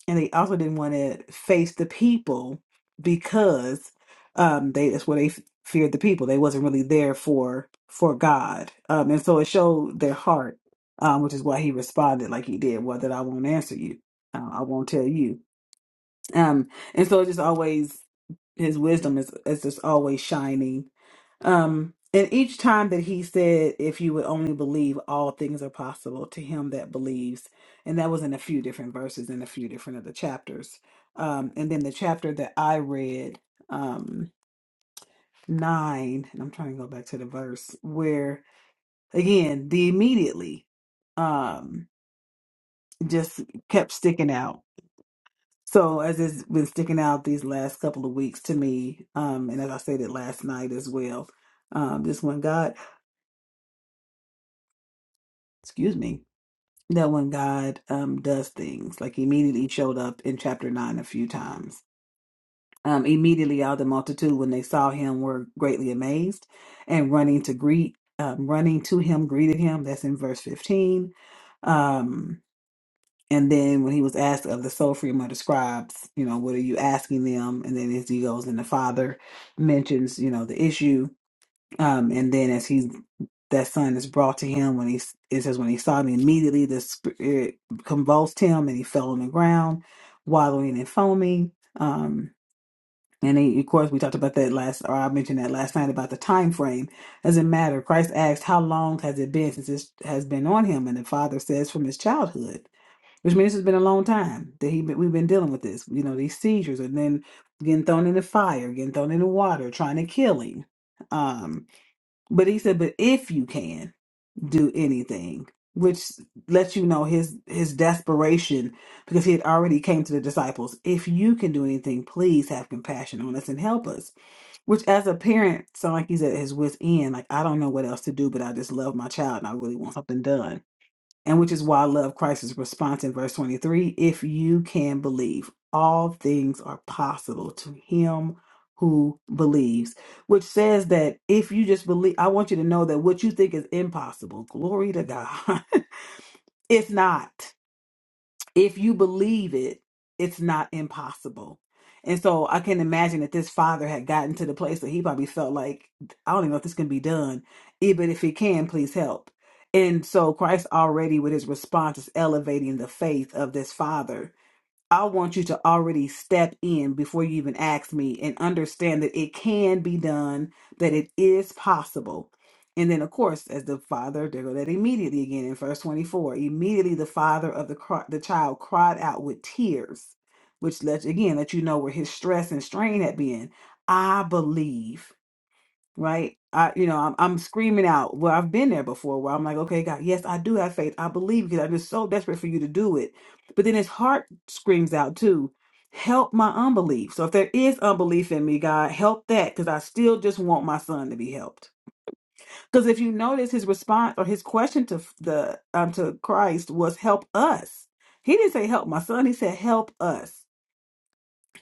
Speaker 4: and they also didn't want to face the people because um, they that's where they f- feared the people. They wasn't really there for for God, um, and so it showed their heart, um, which is why he responded like he did. Well, that I won't answer you. Uh, I won't tell you um, and so it just always his wisdom is is just always shining. Um, and each time that he said, "If you would only believe, all things are possible to him that believes," and that was in a few different verses in a few different of the chapters. Um, and then the chapter that I read, um, nine, and I'm trying to go back to the verse where again the immediately um just kept sticking out So as it's been sticking out these last couple of weeks to me, um, and as I said it last night as well, um, just when God, excuse me, that when God um does things, like he immediately showed up in chapter nine a few times. Um, immediately out of the multitude when they saw him were greatly amazed, and running to greet, um, running to him greeted him. That's in verse fifteen. Um, And then when he was asked of the soul freedom of the scribes, you know, what are you asking them? And then as he goes and the father mentions, you know, the issue. Um, and then as he that son is brought to him when he it says when he saw me immediately the spirit convulsed him and he fell on the ground, wallowing and foaming. Um and he, of course, we talked about that last, or I mentioned that last night about the time frame. Doesn't matter. Christ asked, "How long has it been since this has been on him?" And the father says, "From his childhood." which means it's been a long time that he been, we've been dealing with this. You know, these seizures and then getting thrown in the fire, getting thrown in the water, trying to kill him. Um, but he said, but if you can do anything, which lets you know his his desperation because he had already came to the disciples. If you can do anything, please have compassion on us and help us. Which, as a parent, sound like he's at his wit's end. Like I don't know what else to do, but I just love my child and I really want something done and which is why I love Christ's response in verse 23 if you can believe, all things are possible to him who believes, which says that if you just believe, I want you to know that what you think is impossible, glory to God, it's not if you believe it, it's not impossible. And so I can imagine that this father had gotten to the place that he probably felt like, I don't even know if this can be done. Even if it can, please help. And so Christ already with his response is elevating the faith of this father I want you to already step in before you even ask me and understand that it can be done, that it is possible. And then, of course, as the father, there go that immediately again in verse 24. Immediately the father of the, cri- the child cried out with tears, which lets, again, let you know where his stress and strain had been. I believe right? I, you know, I'm, I'm screaming out. Well, I've been there before where I'm like, okay, God, yes, I do have faith. I believe because I'm just so desperate for you to do it. But then his heart screams out too, help my unbelief. So if there is unbelief in me, God, help that because I still just want my son to be helped. Because if you notice his response or his question to f- the um, to Christ was help us. He didn't say help my son. He said help us.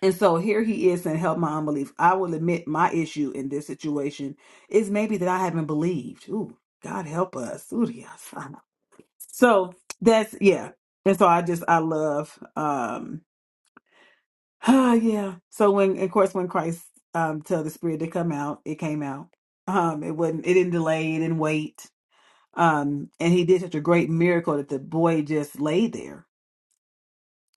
Speaker 4: And so here he is saying, Help my unbelief. I will admit my issue in this situation is maybe that I haven't believed. Ooh, God help us. Ooh, yes. So that's yeah. And so I just I love um ah, yeah. So when of course when Christ um tell the spirit to come out, it came out. Um it wasn't it didn't delay, it didn't wait. Um and he did such a great miracle that the boy just laid there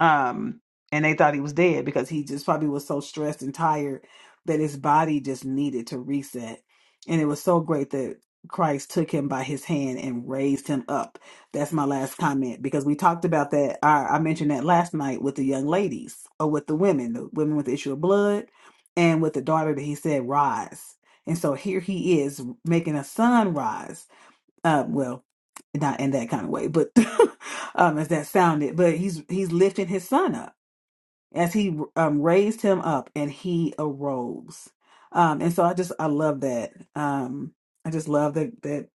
Speaker 4: um and they thought he was dead because he just probably was so stressed and tired that his body just needed to reset and it was so great that Christ took him by his hand and raised him up. That's my last comment because we talked about that. I, I mentioned that last night with the young ladies or with the women, the women with the issue of blood, and with the daughter that he said rise. And so here he is making a son rise not in that kind of way, but um, as that sounded, but he's he's lifting his son up as he um, raised him up and he arose. Um, and so I just I love that. Um, I just love that that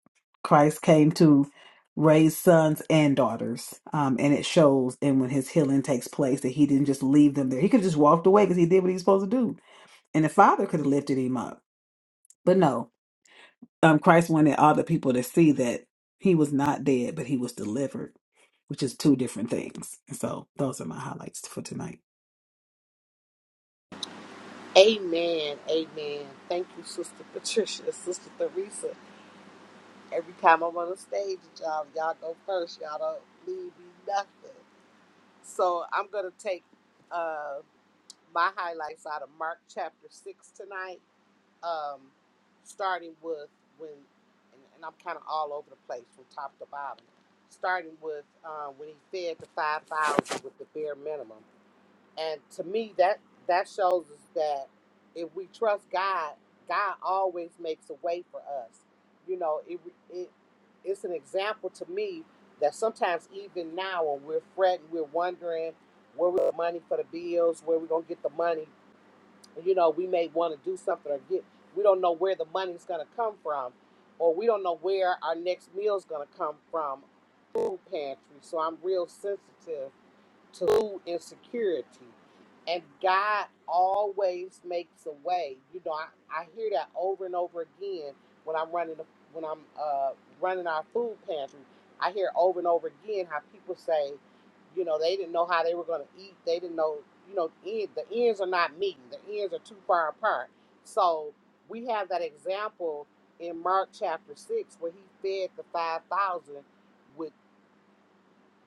Speaker 4: Christ came to raise sons and daughters, um, and it shows. And when his healing takes place, that he didn't just leave them there. He could have just walked away because he did what he was supposed to do, and the father could have lifted him up. But no, um, Christ wanted all the people to see that he was not dead, but he was delivered which is two different things. And so those are my highlights for tonight.
Speaker 1: Amen. Amen. Thank you, Sister Patricia, Sister Theresa. Every time I'm on the stage, y'all, y'all go first. Y'all don't leave me nothing. So I'm going to take uh, my highlights out of Mark chapter 6 tonight, um, starting with when, and, and I'm kind of all over the place from top to bottom, starting with uh, when he fed the 5,000 with the bare minimum. And to me, that that shows us that if we trust God, God always makes a way for us. You know, it, it it's an example to me that sometimes even now when we're fretting, we're wondering where we got money for the bills, where we're gonna get the money. You know, we may want to do something or get. We don't know where the money's gonna come from, or we don't know where our next meal's gonna come from. Food pantry. So I'm real sensitive to food insecurity. And God always makes a way. You know, I, I hear that over and over again when I'm running the- when I'm uh, running our food pantry. I hear over and over again how people say, you know, they didn't know how they were going to eat. They didn't know, you know, end, the ends are not meeting. The ends are too far apart. So we have that example in Mark chapter six where he fed the five thousand with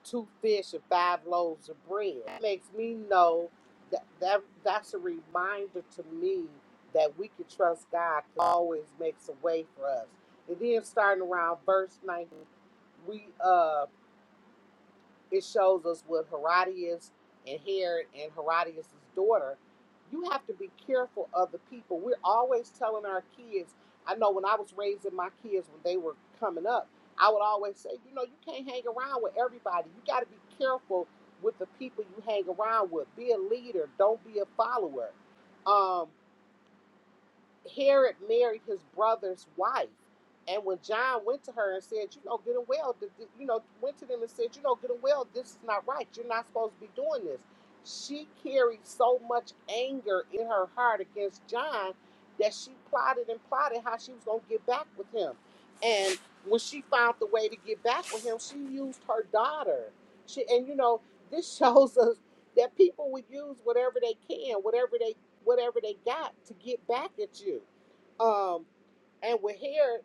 Speaker 1: two fish and five loaves of bread. It makes me know that, that that's a reminder to me that we can trust God 'cause He always makes a way for us. And then starting around verse 19, we uh it shows us with Herodias and Herod and Herodias' daughter. You have to be careful of the people. We're always telling our kids. I know when I was raising my kids when they were coming up, I would always say, you know, you can't hang around with everybody. You got to be careful with the people you hang around with. Be a leader. Don't be a follower. Um, Herod married his brother's wife. And when John went to her and said, you know, good and well, you know, went to them and said, you know, good and well, this is not right. You're not supposed to be doing this. She carried so much anger in her heart against John that she plotted and plotted how she was going to get back with him. And when she found the way to get back with him, she used her daughter. She, and, you know, this shows us that people would use whatever they can, whatever they whatever they got to get back at you. Um, and with Herod,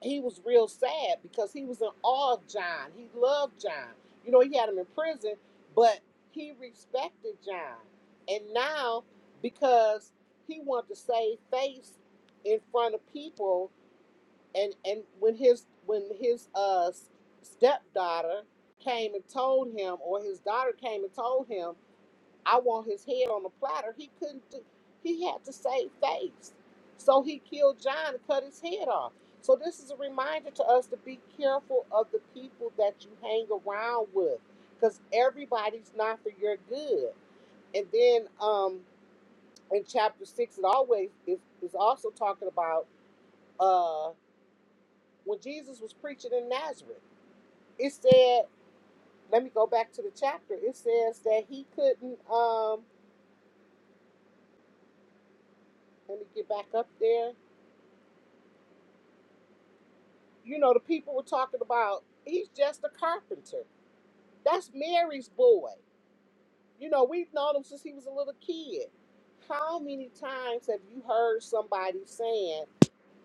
Speaker 1: he was real sad because he was in awe of John. He loved John. You know, he had him in prison, but he respected John. And now, because he wanted to save face in front of people, and and when his when his uh stepdaughter came and told him, or his daughter came and told him I want his head on a platter. He couldn't do he had to save face. So he killed John and cut his head off. So this is a reminder to us to be careful of the people that you hang around with. Because everybody's not for your good. And then um in chapter six it always is, is also talking about uh when Jesus was preaching in Nazareth. It said, let me go back to the chapter. It says that he couldn't um let me get back up there you know, the people were talking about he's just a carpenter. That's Mary's boy. You know, we've known him since he was a little kid. How many times have you heard somebody saying,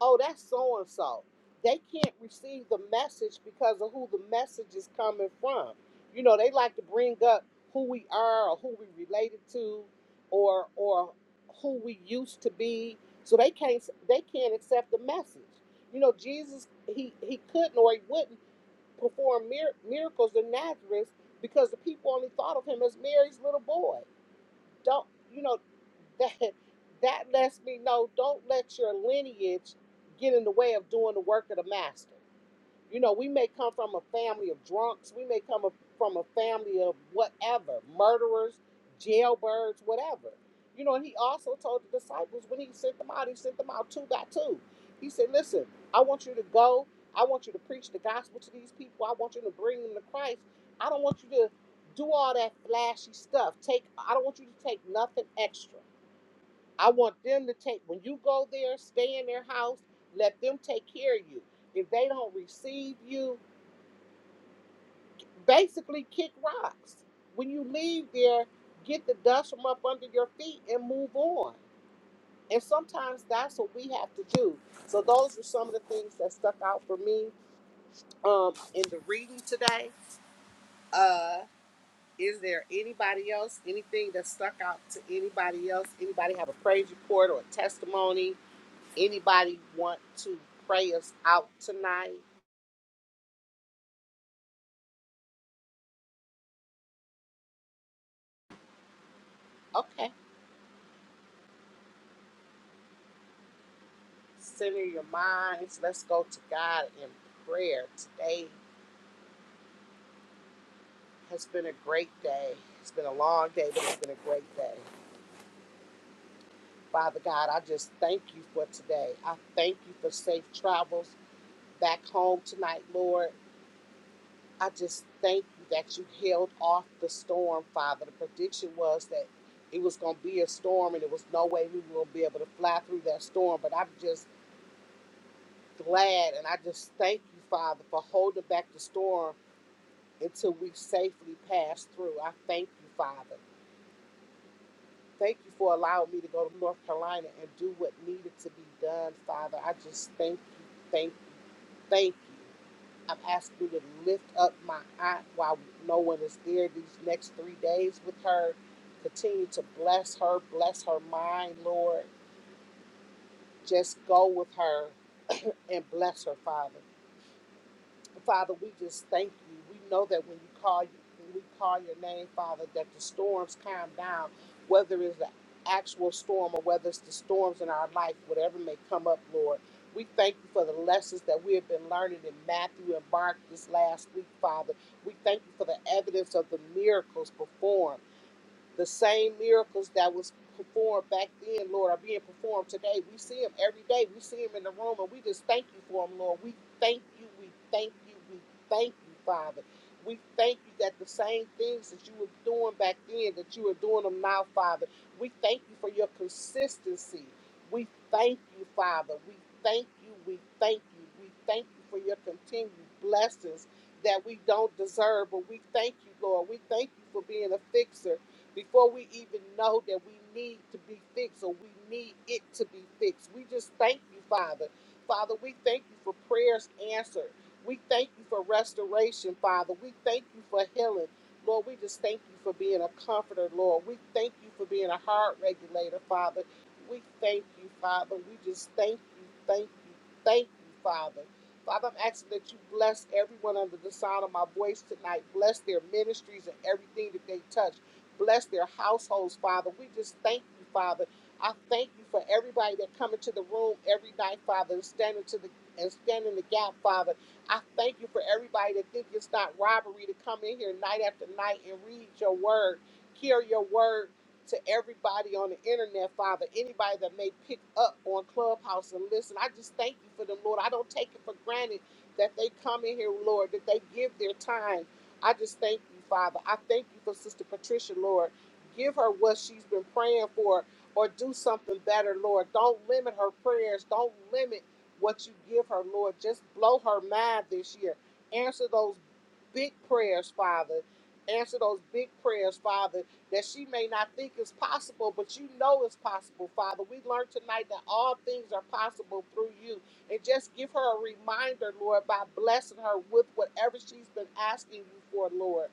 Speaker 1: oh, that's so and so? They can't receive the message because of who the message is coming from. You know, they like to bring up who we are or who we related to or or who we used to be. So they can't they can't accept the message. You know, Jesus he he couldn't or he wouldn't perform mir- miracles in Nazareth because the people only thought of him as Mary's little boy. Don't you know that that lets me know don't let your lineage get in the way of doing the work of the master. You know, we may come from a family of drunks, we may come from a family of whatever, murderers, jailbirds, whatever. You know, and he also told the disciples when he sent them out, he sent them out two by two. He said, Listen, I want you to go. I want you to preach the gospel to these people. I want you to bring them to Christ. I don't want you to do all that flashy stuff. Take I don't want you to take nothing extra. I want them to take when you go there, stay in their house, let them take care of you. If they don't receive you, basically kick rocks. When you leave there, get the dust from up under your feet and move on. And sometimes that's what we have to do. So those are some of the things that stuck out for me um, in the reading today. Uh, is there anybody else? Anything that stuck out to anybody else? Anybody have a praise report or a testimony? Anybody want to pray us out tonight? Okay, center your minds. Let's go to God in prayer today It's been a great day. It's been a long day, but it's been a great day. Father God, I just thank you for today. I thank you for safe travels back home tonight, Lord. I just thank you that you held off the storm, Father. The prediction was that it was going to be a storm and there was no way we were going to be able to fly through that storm. But I'm just glad and I just thank you, Father, for holding back the storm until we safely passed through. I thank you, Father. Thank you for allowing me to go to North Carolina and do what needed to be done, Father. I just thank you, thank you, thank you. I'm asking you to lift up my aunt while no one is there these next three days with her. Continue to bless her, bless her mind, Lord. Just go with her and bless her, Father. Father, we just thank you. We know that when you call you when we call your name, Father, that the storms calm down, whether it's the actual storm or whether it's the storms in our life, whatever may come up, Lord. We thank you for the lessons that we have been learning in Matthew and Mark this last week, Father. We thank you for the evidence of the miracles performed the same miracles that was performed back then, Lord, are being performed today. We see them every day. We see them in the room, and we just thank you for them, Lord. We thank you. We thank you. We thank you, Father. We thank you that the same things that you were doing back then, that you are doing them now, Father. We thank you for your consistency. We thank you, Father. We thank you. We thank you. We thank you for your continued blessings that we don't deserve, but we thank you, Lord. We thank you for being a fixer before we even know that we need to be fixed or we need it to be fixed. We just thank you, Father. Father, we thank you for prayers answered. We thank you for restoration, Father. We thank you for healing. Lord, we just thank you for being a comforter, Lord. We thank you for being a heart regulator, Father. We thank you, Father. We just thank you, thank you, thank you, Father. Father, I'm asking that you bless everyone under the sound of my voice tonight. Bless their ministries and everything that they touch. Bless their households, Father. We just thank you, Father. I thank you for everybody that come into the room every night, Father, and standing to the and stand in the gap, Father. I thank you for everybody that think it's not robbery to come in here night after night and read your word, hear your word to everybody on the internet, Father. Anybody that may pick up on Clubhouse and listen, I just thank you for them, Lord. I don't take it for granted that they come in here, Lord, that they give their time I just thank you, Father. I thank you for Sister Patricia, Lord. Give her what she's been praying for or do something better, Lord. Don't limit her prayers. Don't limit what you give her, Lord. Just blow her mind this year. Answer those big prayers, Father. Answer those big prayers, Father, that she may not think is possible, but you know it's possible, Father. We learned tonight that all things are possible through you and just give her a reminder, Lord, by blessing her with whatever she's been asking you for, Lord.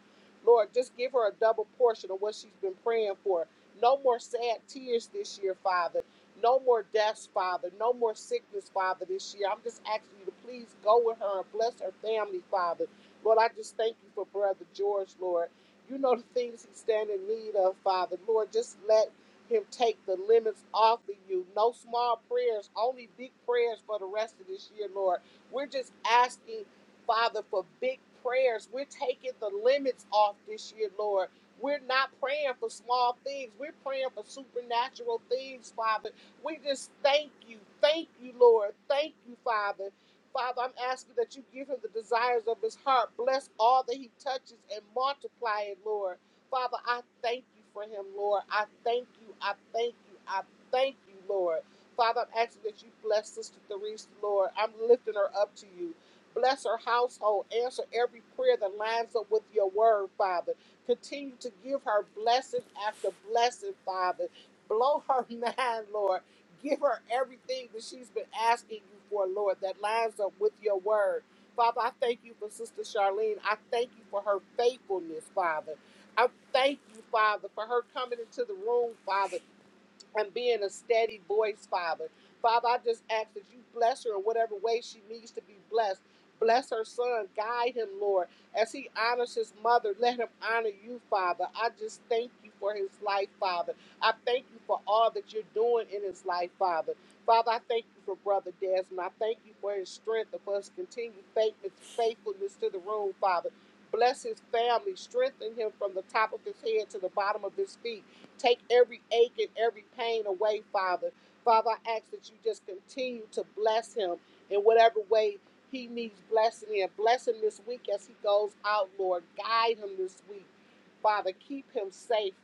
Speaker 1: Lord, just give her a double portion of what she's been praying for. No more sad tears this year, Father. No more deaths, Father. No more sickness, Father, this year. I'm just asking you to please go with her and bless her family, Father. Lord, I just thank you for Brother George, Lord. You know the things he's standing in need of, Father. Lord, just let him take the limits off of you. No small prayers, only big prayers for the rest of this year, Lord. We're just asking, Father, for big prayers. We're taking the limits off this year, Lord. We're not praying for small things. We're praying for supernatural things, Father. We just thank you. Thank you, Lord. Thank you, Father. Father, I'm asking that you give him the desires of his heart. Bless all that he touches and multiply it, Lord. Father, I thank you for him, Lord. I thank you. I thank you. I thank you, Lord. Father, I'm asking that you bless Sister Therese, Lord. I'm lifting her up to you. Bless her household. Answer every prayer that lines up with your word, Father. Continue to give her blessing after blessing, Father. Blow her mind, Lord. Give her everything that she's been asking you for, Lord, that lines up with your word. Father, I thank you for Sister Charlene. I thank you for her faithfulness, Father. I thank you, Father, for her coming into the room, Father, and being a steady voice, Father. Father, I just ask that you bless her in whatever way she needs to be blessed. Bless her son. Guide him, Lord. As he honors his mother, let him honor you, Father. I just thank you for his life, Father. I thank you for all that you're doing in his life, Father. Father, I thank you for Brother Desmond. I thank you for his strength and for his continued faith- faithfulness to the room, Father. Bless his family. Strengthen him from the top of his head to the bottom of his feet. Take every ache and every pain away, Father. Father, I ask that you just continue to bless him in whatever way he needs blessing in. Bless him this week as he goes out, Lord. Guide him this week. Father, keep him safe,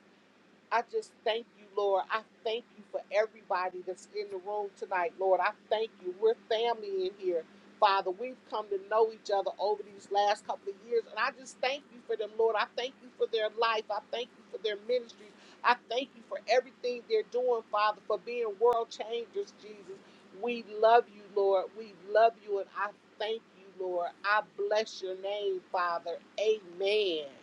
Speaker 1: I just thank you, Lord. I thank you for everybody that's in the room tonight, Lord. I thank you. We're family in here, Father. We've come to know each other over these last couple of years, and I just thank you for them, Lord. I thank you for their life. I thank you for their ministries. I thank you for everything they're doing, Father, for being world changers, Jesus. We love you, Lord. We love you, and I thank you, Lord. I bless your name, Father. Amen.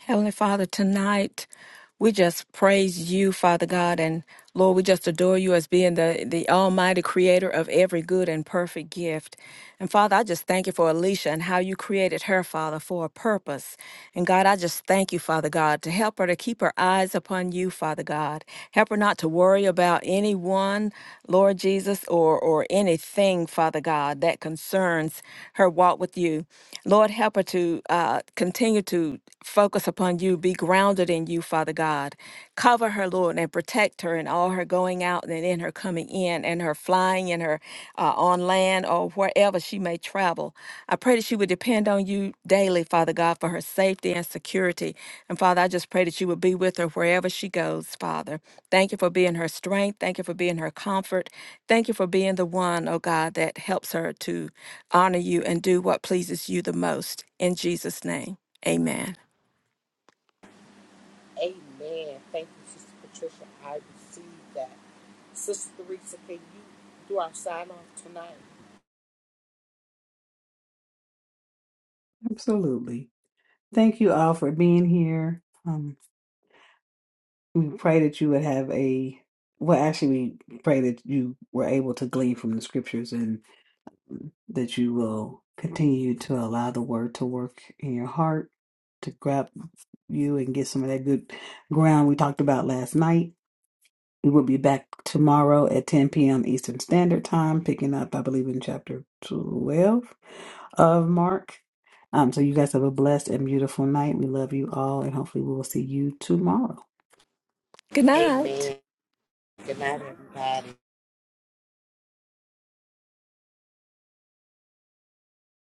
Speaker 2: Heavenly Father, tonight we just praise you, Father God, and Lord, we just adore you as being the, the almighty creator of every good and perfect gift. And Father, I just thank you for Alicia and how you created her, Father, for a purpose. And God, I just thank you, Father God, to help her to keep her eyes upon you, Father God. Help her not to worry about anyone, Lord Jesus, or, or anything, Father God, that concerns her walk with you. Lord, help her to uh, continue to you, focus upon you, be grounded in you, Father God. Cover her, Lord, and protect her in all her going out and in her coming in and her flying and her uh, on land or wherever she may travel. I pray that she would depend on you daily, Father God, for her safety and security. And Father, I just pray that you would be with her wherever she goes, Father. Thank you for being her strength. Thank you for being her comfort. Thank you for being the one, oh God, that helps her to honor you and do what pleases you the most. In Jesus' name. Amen.
Speaker 1: Amen. Thank you, Sister Patricia. I receive that. Sister Theresa, can you do our sign off tonight?
Speaker 4: Absolutely. Thank you all for being here. Um, we pray that you would have a well. Actually, we pray that you were able to glean from the scriptures that you will continue to allow the word to work in your heart to grab you and get some of that good ground we talked about last night. We will be back tomorrow at 10 p.m. Eastern Standard Time, picking up, I believe, in chapter 12 of Mark. Um, so you guys have a blessed and beautiful night. We love you all, and hopefully we will see you tomorrow.
Speaker 2: Good night.
Speaker 1: Amen. Good night, everybody.